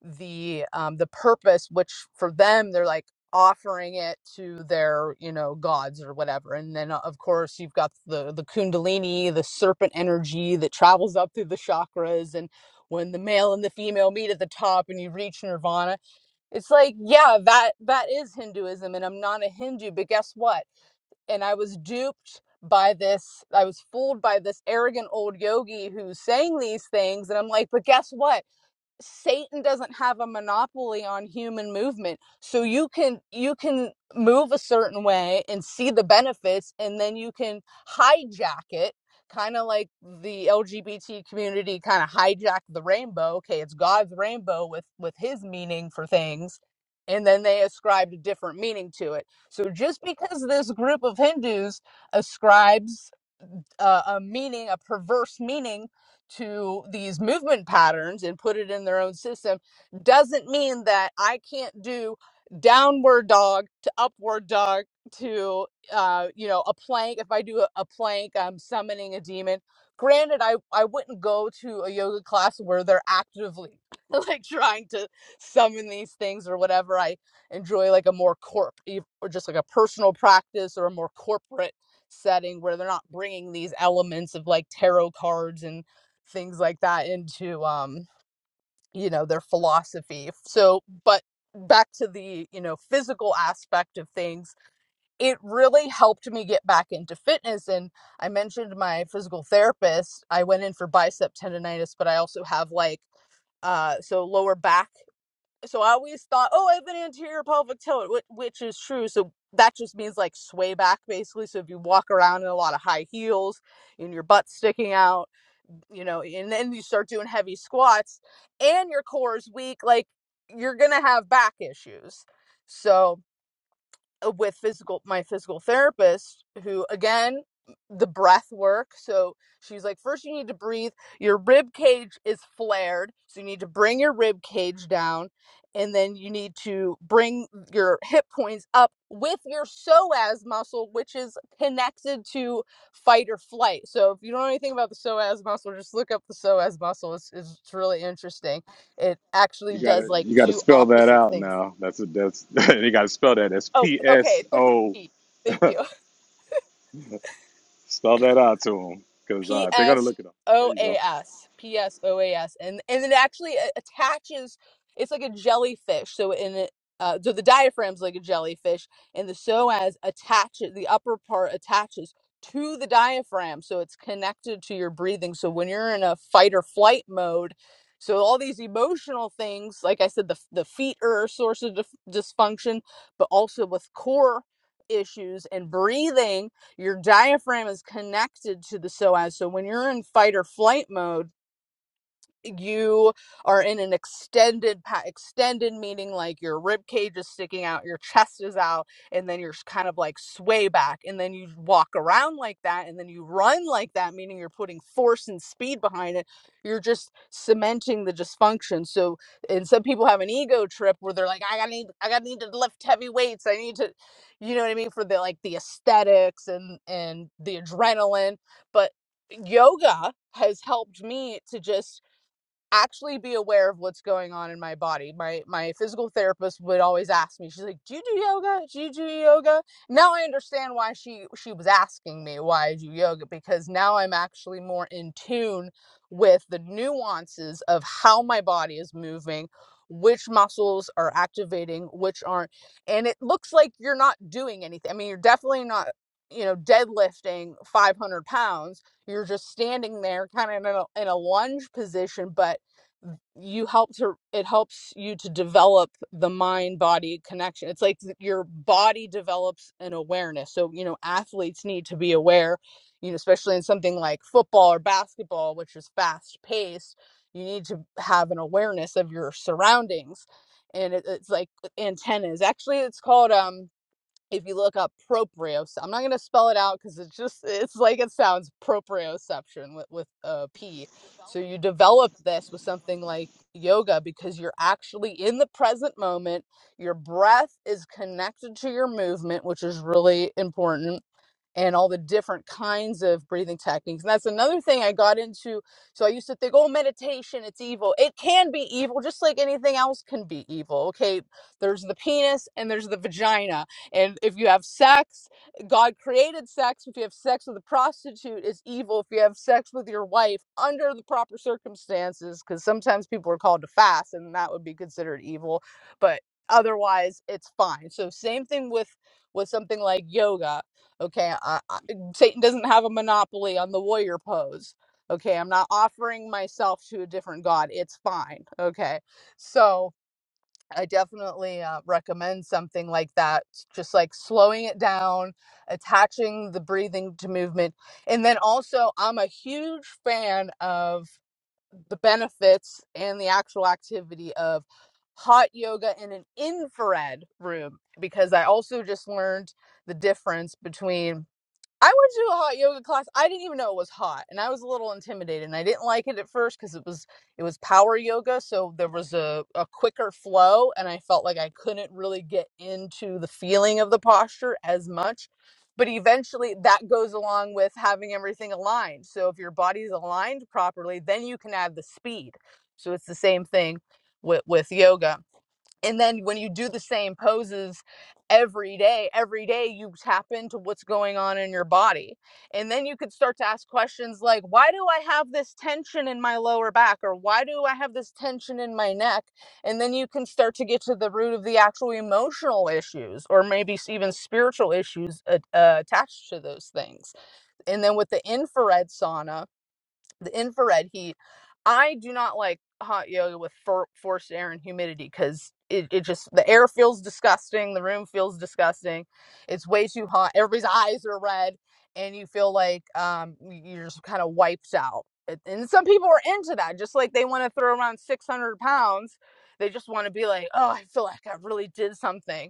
the um, the purpose, which for them they're like offering it to their you know gods or whatever. And then uh, of course you've got the the kundalini, the serpent energy that travels up through the chakras and when the male and the female meet at the top and you reach nirvana it's like, yeah, that that is Hinduism and I'm not a Hindu, but guess what? And I was duped by this, I was fooled by this arrogant old yogi who's saying these things and I'm like, but guess what? Satan doesn't have a monopoly on human movement. So you can you can move a certain way and see the benefits and then you can hijack it kind of like the LGBT community kind of hijacked the rainbow. Okay, it's God's rainbow with with his meaning for things and then they ascribed a different meaning to it. So just because this group of Hindus ascribes a, a meaning, a perverse meaning to these movement patterns and put it in their own system doesn't mean that I can't do downward dog to upward dog to uh you know a plank if i do a, a plank i'm summoning a demon granted i i wouldn't go to a yoga class where they're actively like trying to summon these things or whatever i enjoy like a more corp e- or just like a personal practice or a more corporate setting where they're not bringing these elements of like tarot cards and things like that into um you know their philosophy so but back to the you know physical aspect of things it really helped me get back into fitness and i mentioned my physical therapist i went in for bicep tendonitis but i also have like uh so lower back so I always thought, oh, I have an anterior pelvic tilt, which, which is true. So that just means like sway back, basically. So if you walk around in a lot of high heels and your butt sticking out, you know, and then you start doing heavy squats and your core is weak, like you're gonna have back issues. So uh, with physical my physical therapist who again the breath work so she's like first you need to breathe your rib cage is flared so you need to bring your rib cage down and then you need to bring your hip points up with your psoas muscle which is connected to fight or flight so if you don't know anything about the psoas muscle just look up the psoas muscle it's, it's it's really interesting it actually
You
does
gotta,
like
you gotta
two
spell that
opposite
out
things
now. That's a, that's you gotta spell that. That's
oh
P
okay
S
there's a
O.
p thank you
Spell that out to them because
P
uh, they're gonna
S
look it up. There
O
you go.
A S. P S O A S. And and it actually uh, attaches it's like a jellyfish. So in it uh, so the diaphragm's like a jellyfish and the psoas attaches the upper part attaches to the diaphragm so it's connected to your breathing. So when you're in a fight or flight mode, so all these emotional things, like I said, the the feet are a source of dif- dysfunction, but also with core issues and breathing your diaphragm is connected to the psoas. So when you're in fight or flight mode, you are in an extended pa- extended meaning like your rib cage is sticking out your chest is out and then you're s- kind of like sway back and then you walk around like that and then you run like that meaning you're putting force and speed behind it you're just cementing the dysfunction so and some people have an ego trip where they're like i gotta need i gotta need to lift heavy weights i need to you know what i mean for the like the aesthetics and and the adrenaline but yoga has helped me to just actually be aware of what's going on in my body. My my physical therapist would always ask me. She's like, "Do you do yoga? Do you do yoga?" Now I understand why she she was asking me why I do yoga because now I'm actually more in tune with the nuances of how my body is moving, which muscles are activating, which aren't. And it looks like you're not doing anything. I mean, you're definitely not, you know, deadlifting 500 pounds you're just standing there kind of in a, in a lunge position but you help to it helps you to develop the mind body connection it's like th- your body develops an awareness so you know athletes need to be aware you know especially in something like football or basketball which is fast paced you need to have an awareness of your surroundings and it, it's like antennas actually it's called um if you look up proprioception, i'm not going to spell it out because it's just it's like it sounds proprioception with, with a p so you develop this with something like yoga because you're actually in the present moment your breath is connected to your movement which is really important and all the different kinds of breathing techniques. And that's another thing I got into. So I used to think, oh, meditation, it's evil. It can be evil, just like anything else can be evil. Okay, there's the penis and there's the vagina. And if you have sex, God created sex. If you have sex with a prostitute, it's evil. If you have sex with your wife under the proper circumstances, because sometimes people are called to fast and that would be considered evil. But otherwise, it's fine. So, same thing with with something like yoga Okay, I, I, Satan doesn't have a monopoly on the warrior pose. Okay, I'm not offering myself to a different god. It's fine. Okay, so I definitely uh, recommend something like that, just like slowing it down, attaching the breathing to movement. And then also, I'm a huge fan of the benefits and the actual activity of hot yoga in an infrared room because I also just learned the difference between I went to a hot yoga class. I didn't even know it was hot, and I was a little intimidated, and I didn't like it at first because it was it was power yoga, so there was a, a quicker flow, and I felt like I couldn't really get into the feeling of the posture as much. But eventually, that goes along with having everything aligned. So if your body's aligned properly, then you can add the speed. So it's the same thing with with yoga and then when you do the same poses every day every day you tap into what's going on in your body and then you could start to ask questions like why do i have this tension in my lower back or why do i have this tension in my neck and then you can start to get to the root of the actual emotional issues or maybe s- even spiritual issues a- uh, attached to those things and then with the infrared sauna the infrared heat. I do not like hot yoga with for, forced air and humidity because it, it just the air feels disgusting, the room feels disgusting, it's way too hot, everybody's eyes are red, and you feel like um you're just kind of wiped out. And and some people are into that, just like they want to throw around 600 pounds. They just want to be like, oh, I feel like I really did something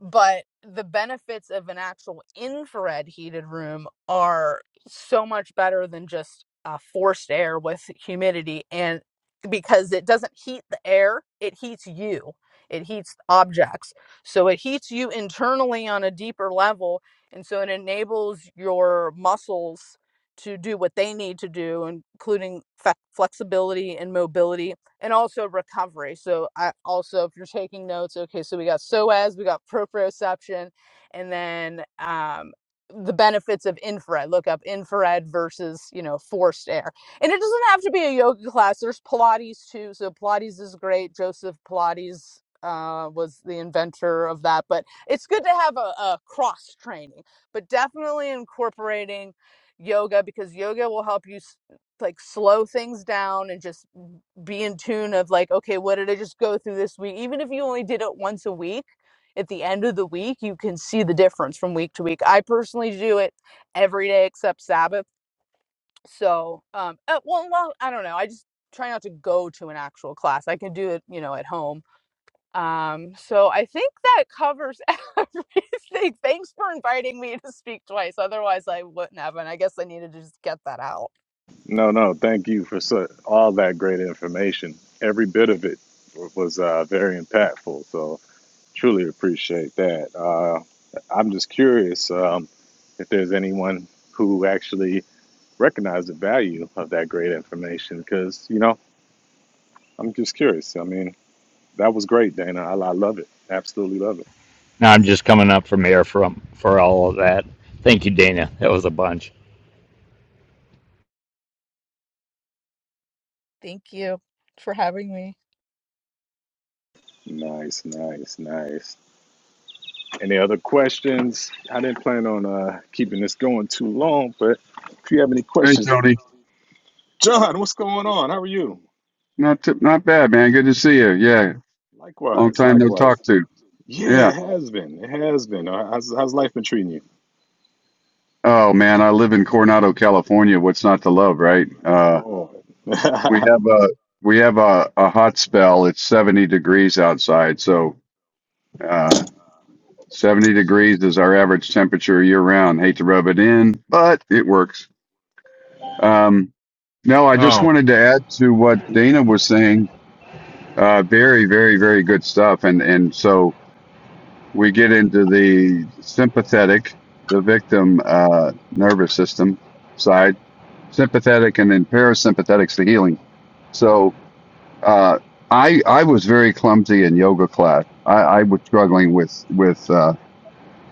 but the benefits of an actual infrared heated room are so much better than just uh, forced air with humidity and because it doesn't heat the air it heats you it heats objects so it heats you internally on a deeper level and so it enables your muscles to do what they need to do including fe- flexibility and mobility and also recovery. So I also, if you're taking notes, okay, so we got SOAS, we got proprioception, and then um, the benefits of infrared. Look up infrared versus you know forced air, and it doesn't have to be a yoga class. There's Pilates too. So Pilates is great. Joseph Pilates uh, was the inventor of that, but it's good to have a, a cross training, but definitely incorporating yoga because yoga will help you s- like slow things down and just be in tune of like okay what did i just go through this week even if you only did it once a week at the end of the week you can see the difference from week to week i personally do it every day except sabbath so um uh, well, well i don't know i just try not to go to an actual class i can do it you know at home um, so I think that covers everything. Thanks for inviting me to speak twice. Otherwise, I wouldn't have. And I guess I needed to just get that out.
No, no, thank you for so, all that great information. Every bit of it w- was uh, very impactful. So truly appreciate that. Uh, I'm just curious um, if there's anyone who actually recognized the value of that great information because, you know, I'm just curious. I mean, that was great, Dana. I, I love it. Absolutely love it.
Now I'm just coming up from air from for all of that. Thank you, Dana. That was a bunch.
Thank you for having me.
Nice, nice, nice. Any other questions? I didn't plan on uh, keeping this going too long, but if you have any
Hey
questions,
Tony,
John, what's going on? How are you?
not t- not bad, man. Good to see you. Yeah, long
Likewise,
time no
likewise.
talk to.
Yeah,
Yeah.
it has been. It has been. Uh, How's, how's life been treating you?
Oh man, I live in Coronado, California. What's not to love, right? Uh,
Lord.
we have a we have a, a hot spell. It's 70 degrees outside, so uh, 70 degrees is our average temperature year round. Hate to rub it in, but it works. Um, no, I just
Oh,
wanted to add to what Dana was saying. Uh, very, very, very good stuff. And and so. we get into the sympathetic, the victim uh, nervous system side, sympathetic, and then parasympathetics the healing. So uh, I I was very clumsy in yoga class. I, I was struggling with with uh,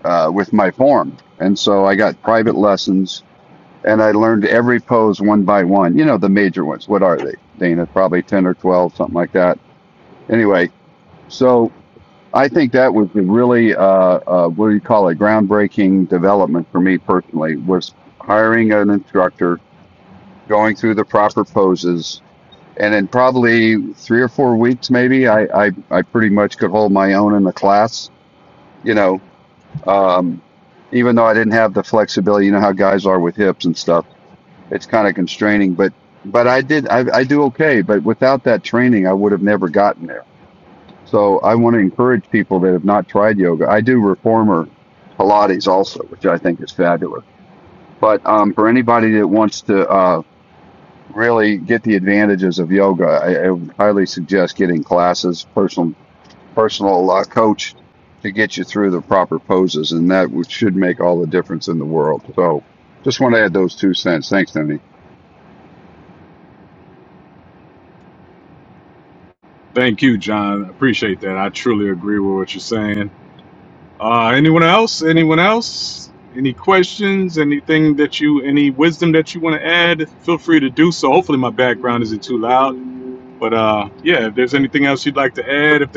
uh, with my form, and so I got private lessons, and I learned every pose one by one. You know the major ones. What are they, Dana? Probably ten or twelve, something like that. Anyway, so I think that was a really, uh, uh, what do you call it, groundbreaking development for me personally was hiring an instructor, going through the proper poses, and in probably three or four weeks, maybe I, I, I pretty much could hold my own in the class. You know, um, even though I didn't have the flexibility, you know how guys are with hips and stuff. It's kind of constraining, but but I did I, I do okay. But without that training, I would have never gotten there so I want to encourage people that have not tried yoga. I do reformer Pilates also, which I think is fabulous. But um, for anybody that wants to uh, really get the advantages of yoga, I, I would highly suggest getting classes, personal personal uh, coach to get you through the proper poses, and that would- should make all the difference in the world. So just want to add those two cents. Thanks, Tony.
thank you, John. Appreciate that. I truly agree with what you're saying. Uh, anyone else? Anyone else? Any questions? Anything that you, any wisdom that you want to add? Feel free to do so. Hopefully, my bad. out, But uh,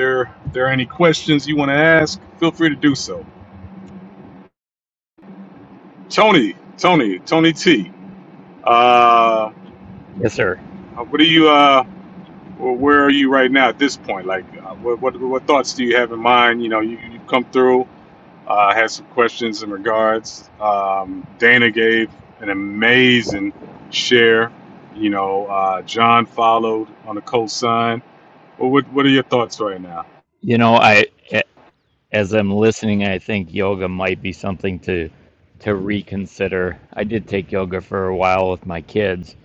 they're, they're ask. Feel so. Tony, Tony, Tony. Uh,
Yes, sir.
what do you uh, what- like? Uh, what come through? Uh, has um, an amazing share. You know, uh, John followed on the co Well, what what are your thoughts right now?
You know, I as I'm listening, I think yoga might be something to to reconsider. I did take yoga for a while with my kids,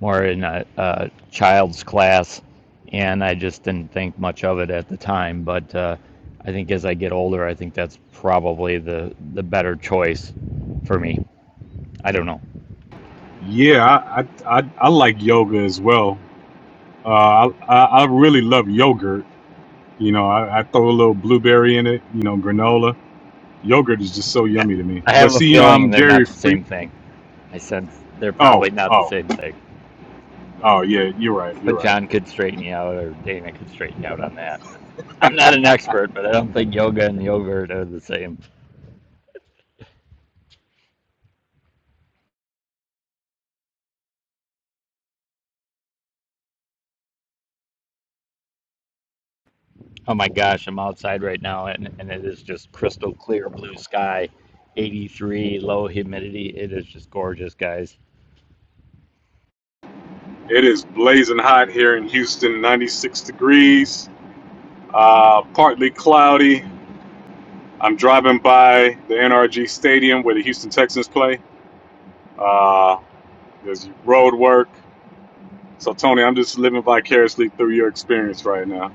more in a, a child's class, and I just didn't think much of it at the time. But uh, I think as I get older, I think that's probably the the better choice for me. I don't know.
Yeah, I I, I, I like yoga as well. Uh, I, I I really love yogurt. You know, I, I throw a little blueberry in it. You know, granola. Yogurt is just so
Yeah,
yummy to me.
I
But
have a
see, you know, I'm
feeling they're not
dairy
the
free.
same thing. I sense they're
Oh,
probably not the
oh,
same thing.
oh!
But John could straighten you out, or Dana could straighten you out on that. But I'm not an expert, but I don't think yoga and yogurt are the same. Oh my gosh, I'm outside right now, and, and it is just crystal clear blue sky, 83, low humidity. It is just gorgeous, guys.
It is blazing hot here in Houston, 96 degrees. Uh, partly cloudy. I'm driving by the NRG Stadium where the Houston Texans play. Uh, there's road work. So, Tony, I'm just living vicariously through your experience right now.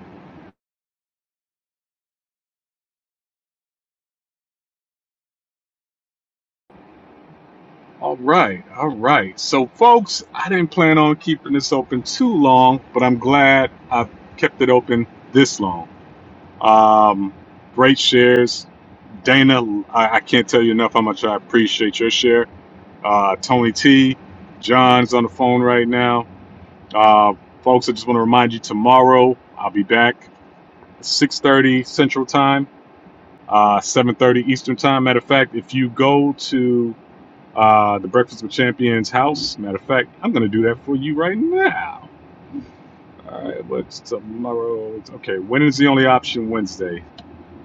All right. All right. So, folks, I didn't plan on keeping this open too long, but I'm glad I've kept it open this long. Um, great shares. Dana, I, I can't tell you enough how much I appreciate your share. Uh, Tony T, John's on the phone right now Uh, folks, I just want to remind you tomorrow I'll be back 6:30 Central Time, uh, 7:30 Eastern Time. Matter of fact, if you go to uh, the Breakfast with Champions house, matter of fact, I'm going to do that for you right now. All right, what's tomorrow? Okay, when is the only option Wednesday?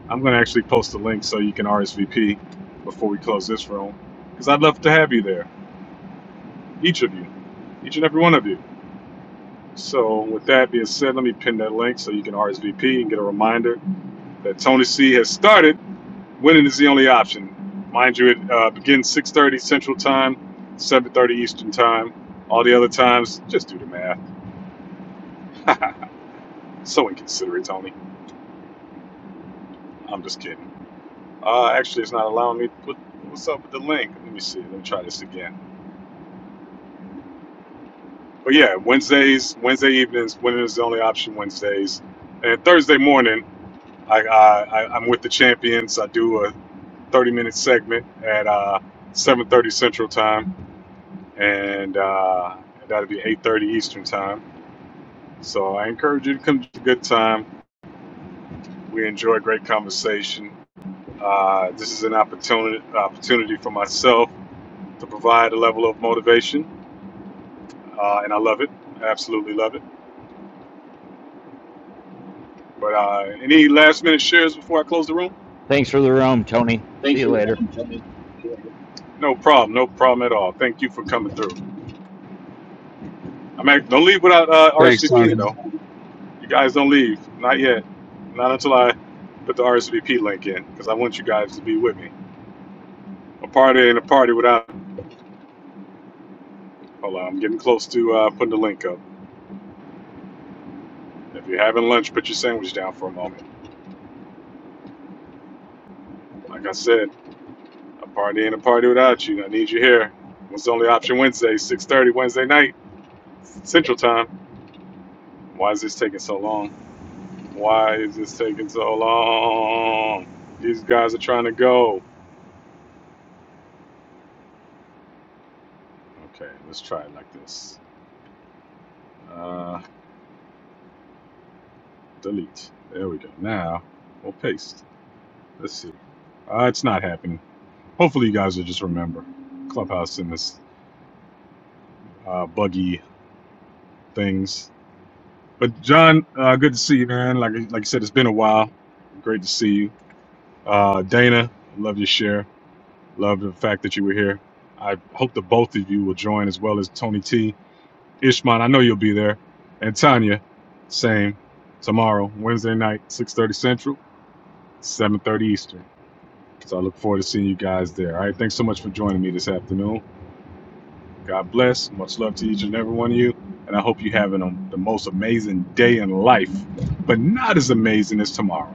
I'm going to actually post a link so you can RSVP before we close this room because I'd love to have you there, each of you, each and every one of you. So, with that being said, let me pin that link so you can RSVP and get a reminder that Tony C has started. Winning is the only option. Mind you, it uh, begins 6:30 Central Time, 7:30 Eastern Time. All the other times, just do the math. so inconsiderate, Tony. I'm just kidding. Uh, actually, it's not allowing me. What, what's up with the link? Let me see. Let me try this again. But yeah, Wednesdays, Wednesday evenings, winning is the only option. Wednesdays, and Thursday morning, I, I, I I'm with the champions. I do a 30 minute segment at uh, 7.30 central time and uh, that'll be 8.30 eastern time so i encourage you to come to a good time we enjoy great conversation uh, this is an opportunity opportunity for myself to provide a level of motivation uh, and i love it I absolutely love it but uh, any last minute shares before i close the room
Thanks for the room, Tony. See you later.
no problem no problem at all thank you for coming through i'm act- don't leave without uh,
Thanks, Tony.
rsvping though You guys don't leave. Not yet. Not until I put the RSVP link in, because I want you guys to be with me. A party ain't a party without. Hold on, I'm getting close to uh, putting the link up. If you're having lunch, put your sandwich down for a moment. Like I said, a party ain't a party without you. I need you here. What's the only option Wednesday, 6.30 Wednesday night, Central Time. Why is this taking so long? Why is this taking so long? These guys are trying to go. Okay, let's try it like this. Uh... delete. There we go. Now we'll paste. Let's see. Uh, it's not happening. Hopefully, you guys will just remember Clubhouse and this uh, buggy things. But John, uh, good to see you, man. Like like I said, it's been a while. Great to see you. Uh, Dana, love your share. Love the fact that you were here. I hope that both of you will join, as well as Tony T, Ishman. I know you'll be there, and Tanya. Same tomorrow, Wednesday night, 6:30 Central, 7:30 Eastern. So I look forward to seeing you guys there. All right, thanks so much for joining me this afternoon. God bless. Much love to each and every one of you. And I hope you're having um, the most amazing day in life, but not as amazing as tomorrow.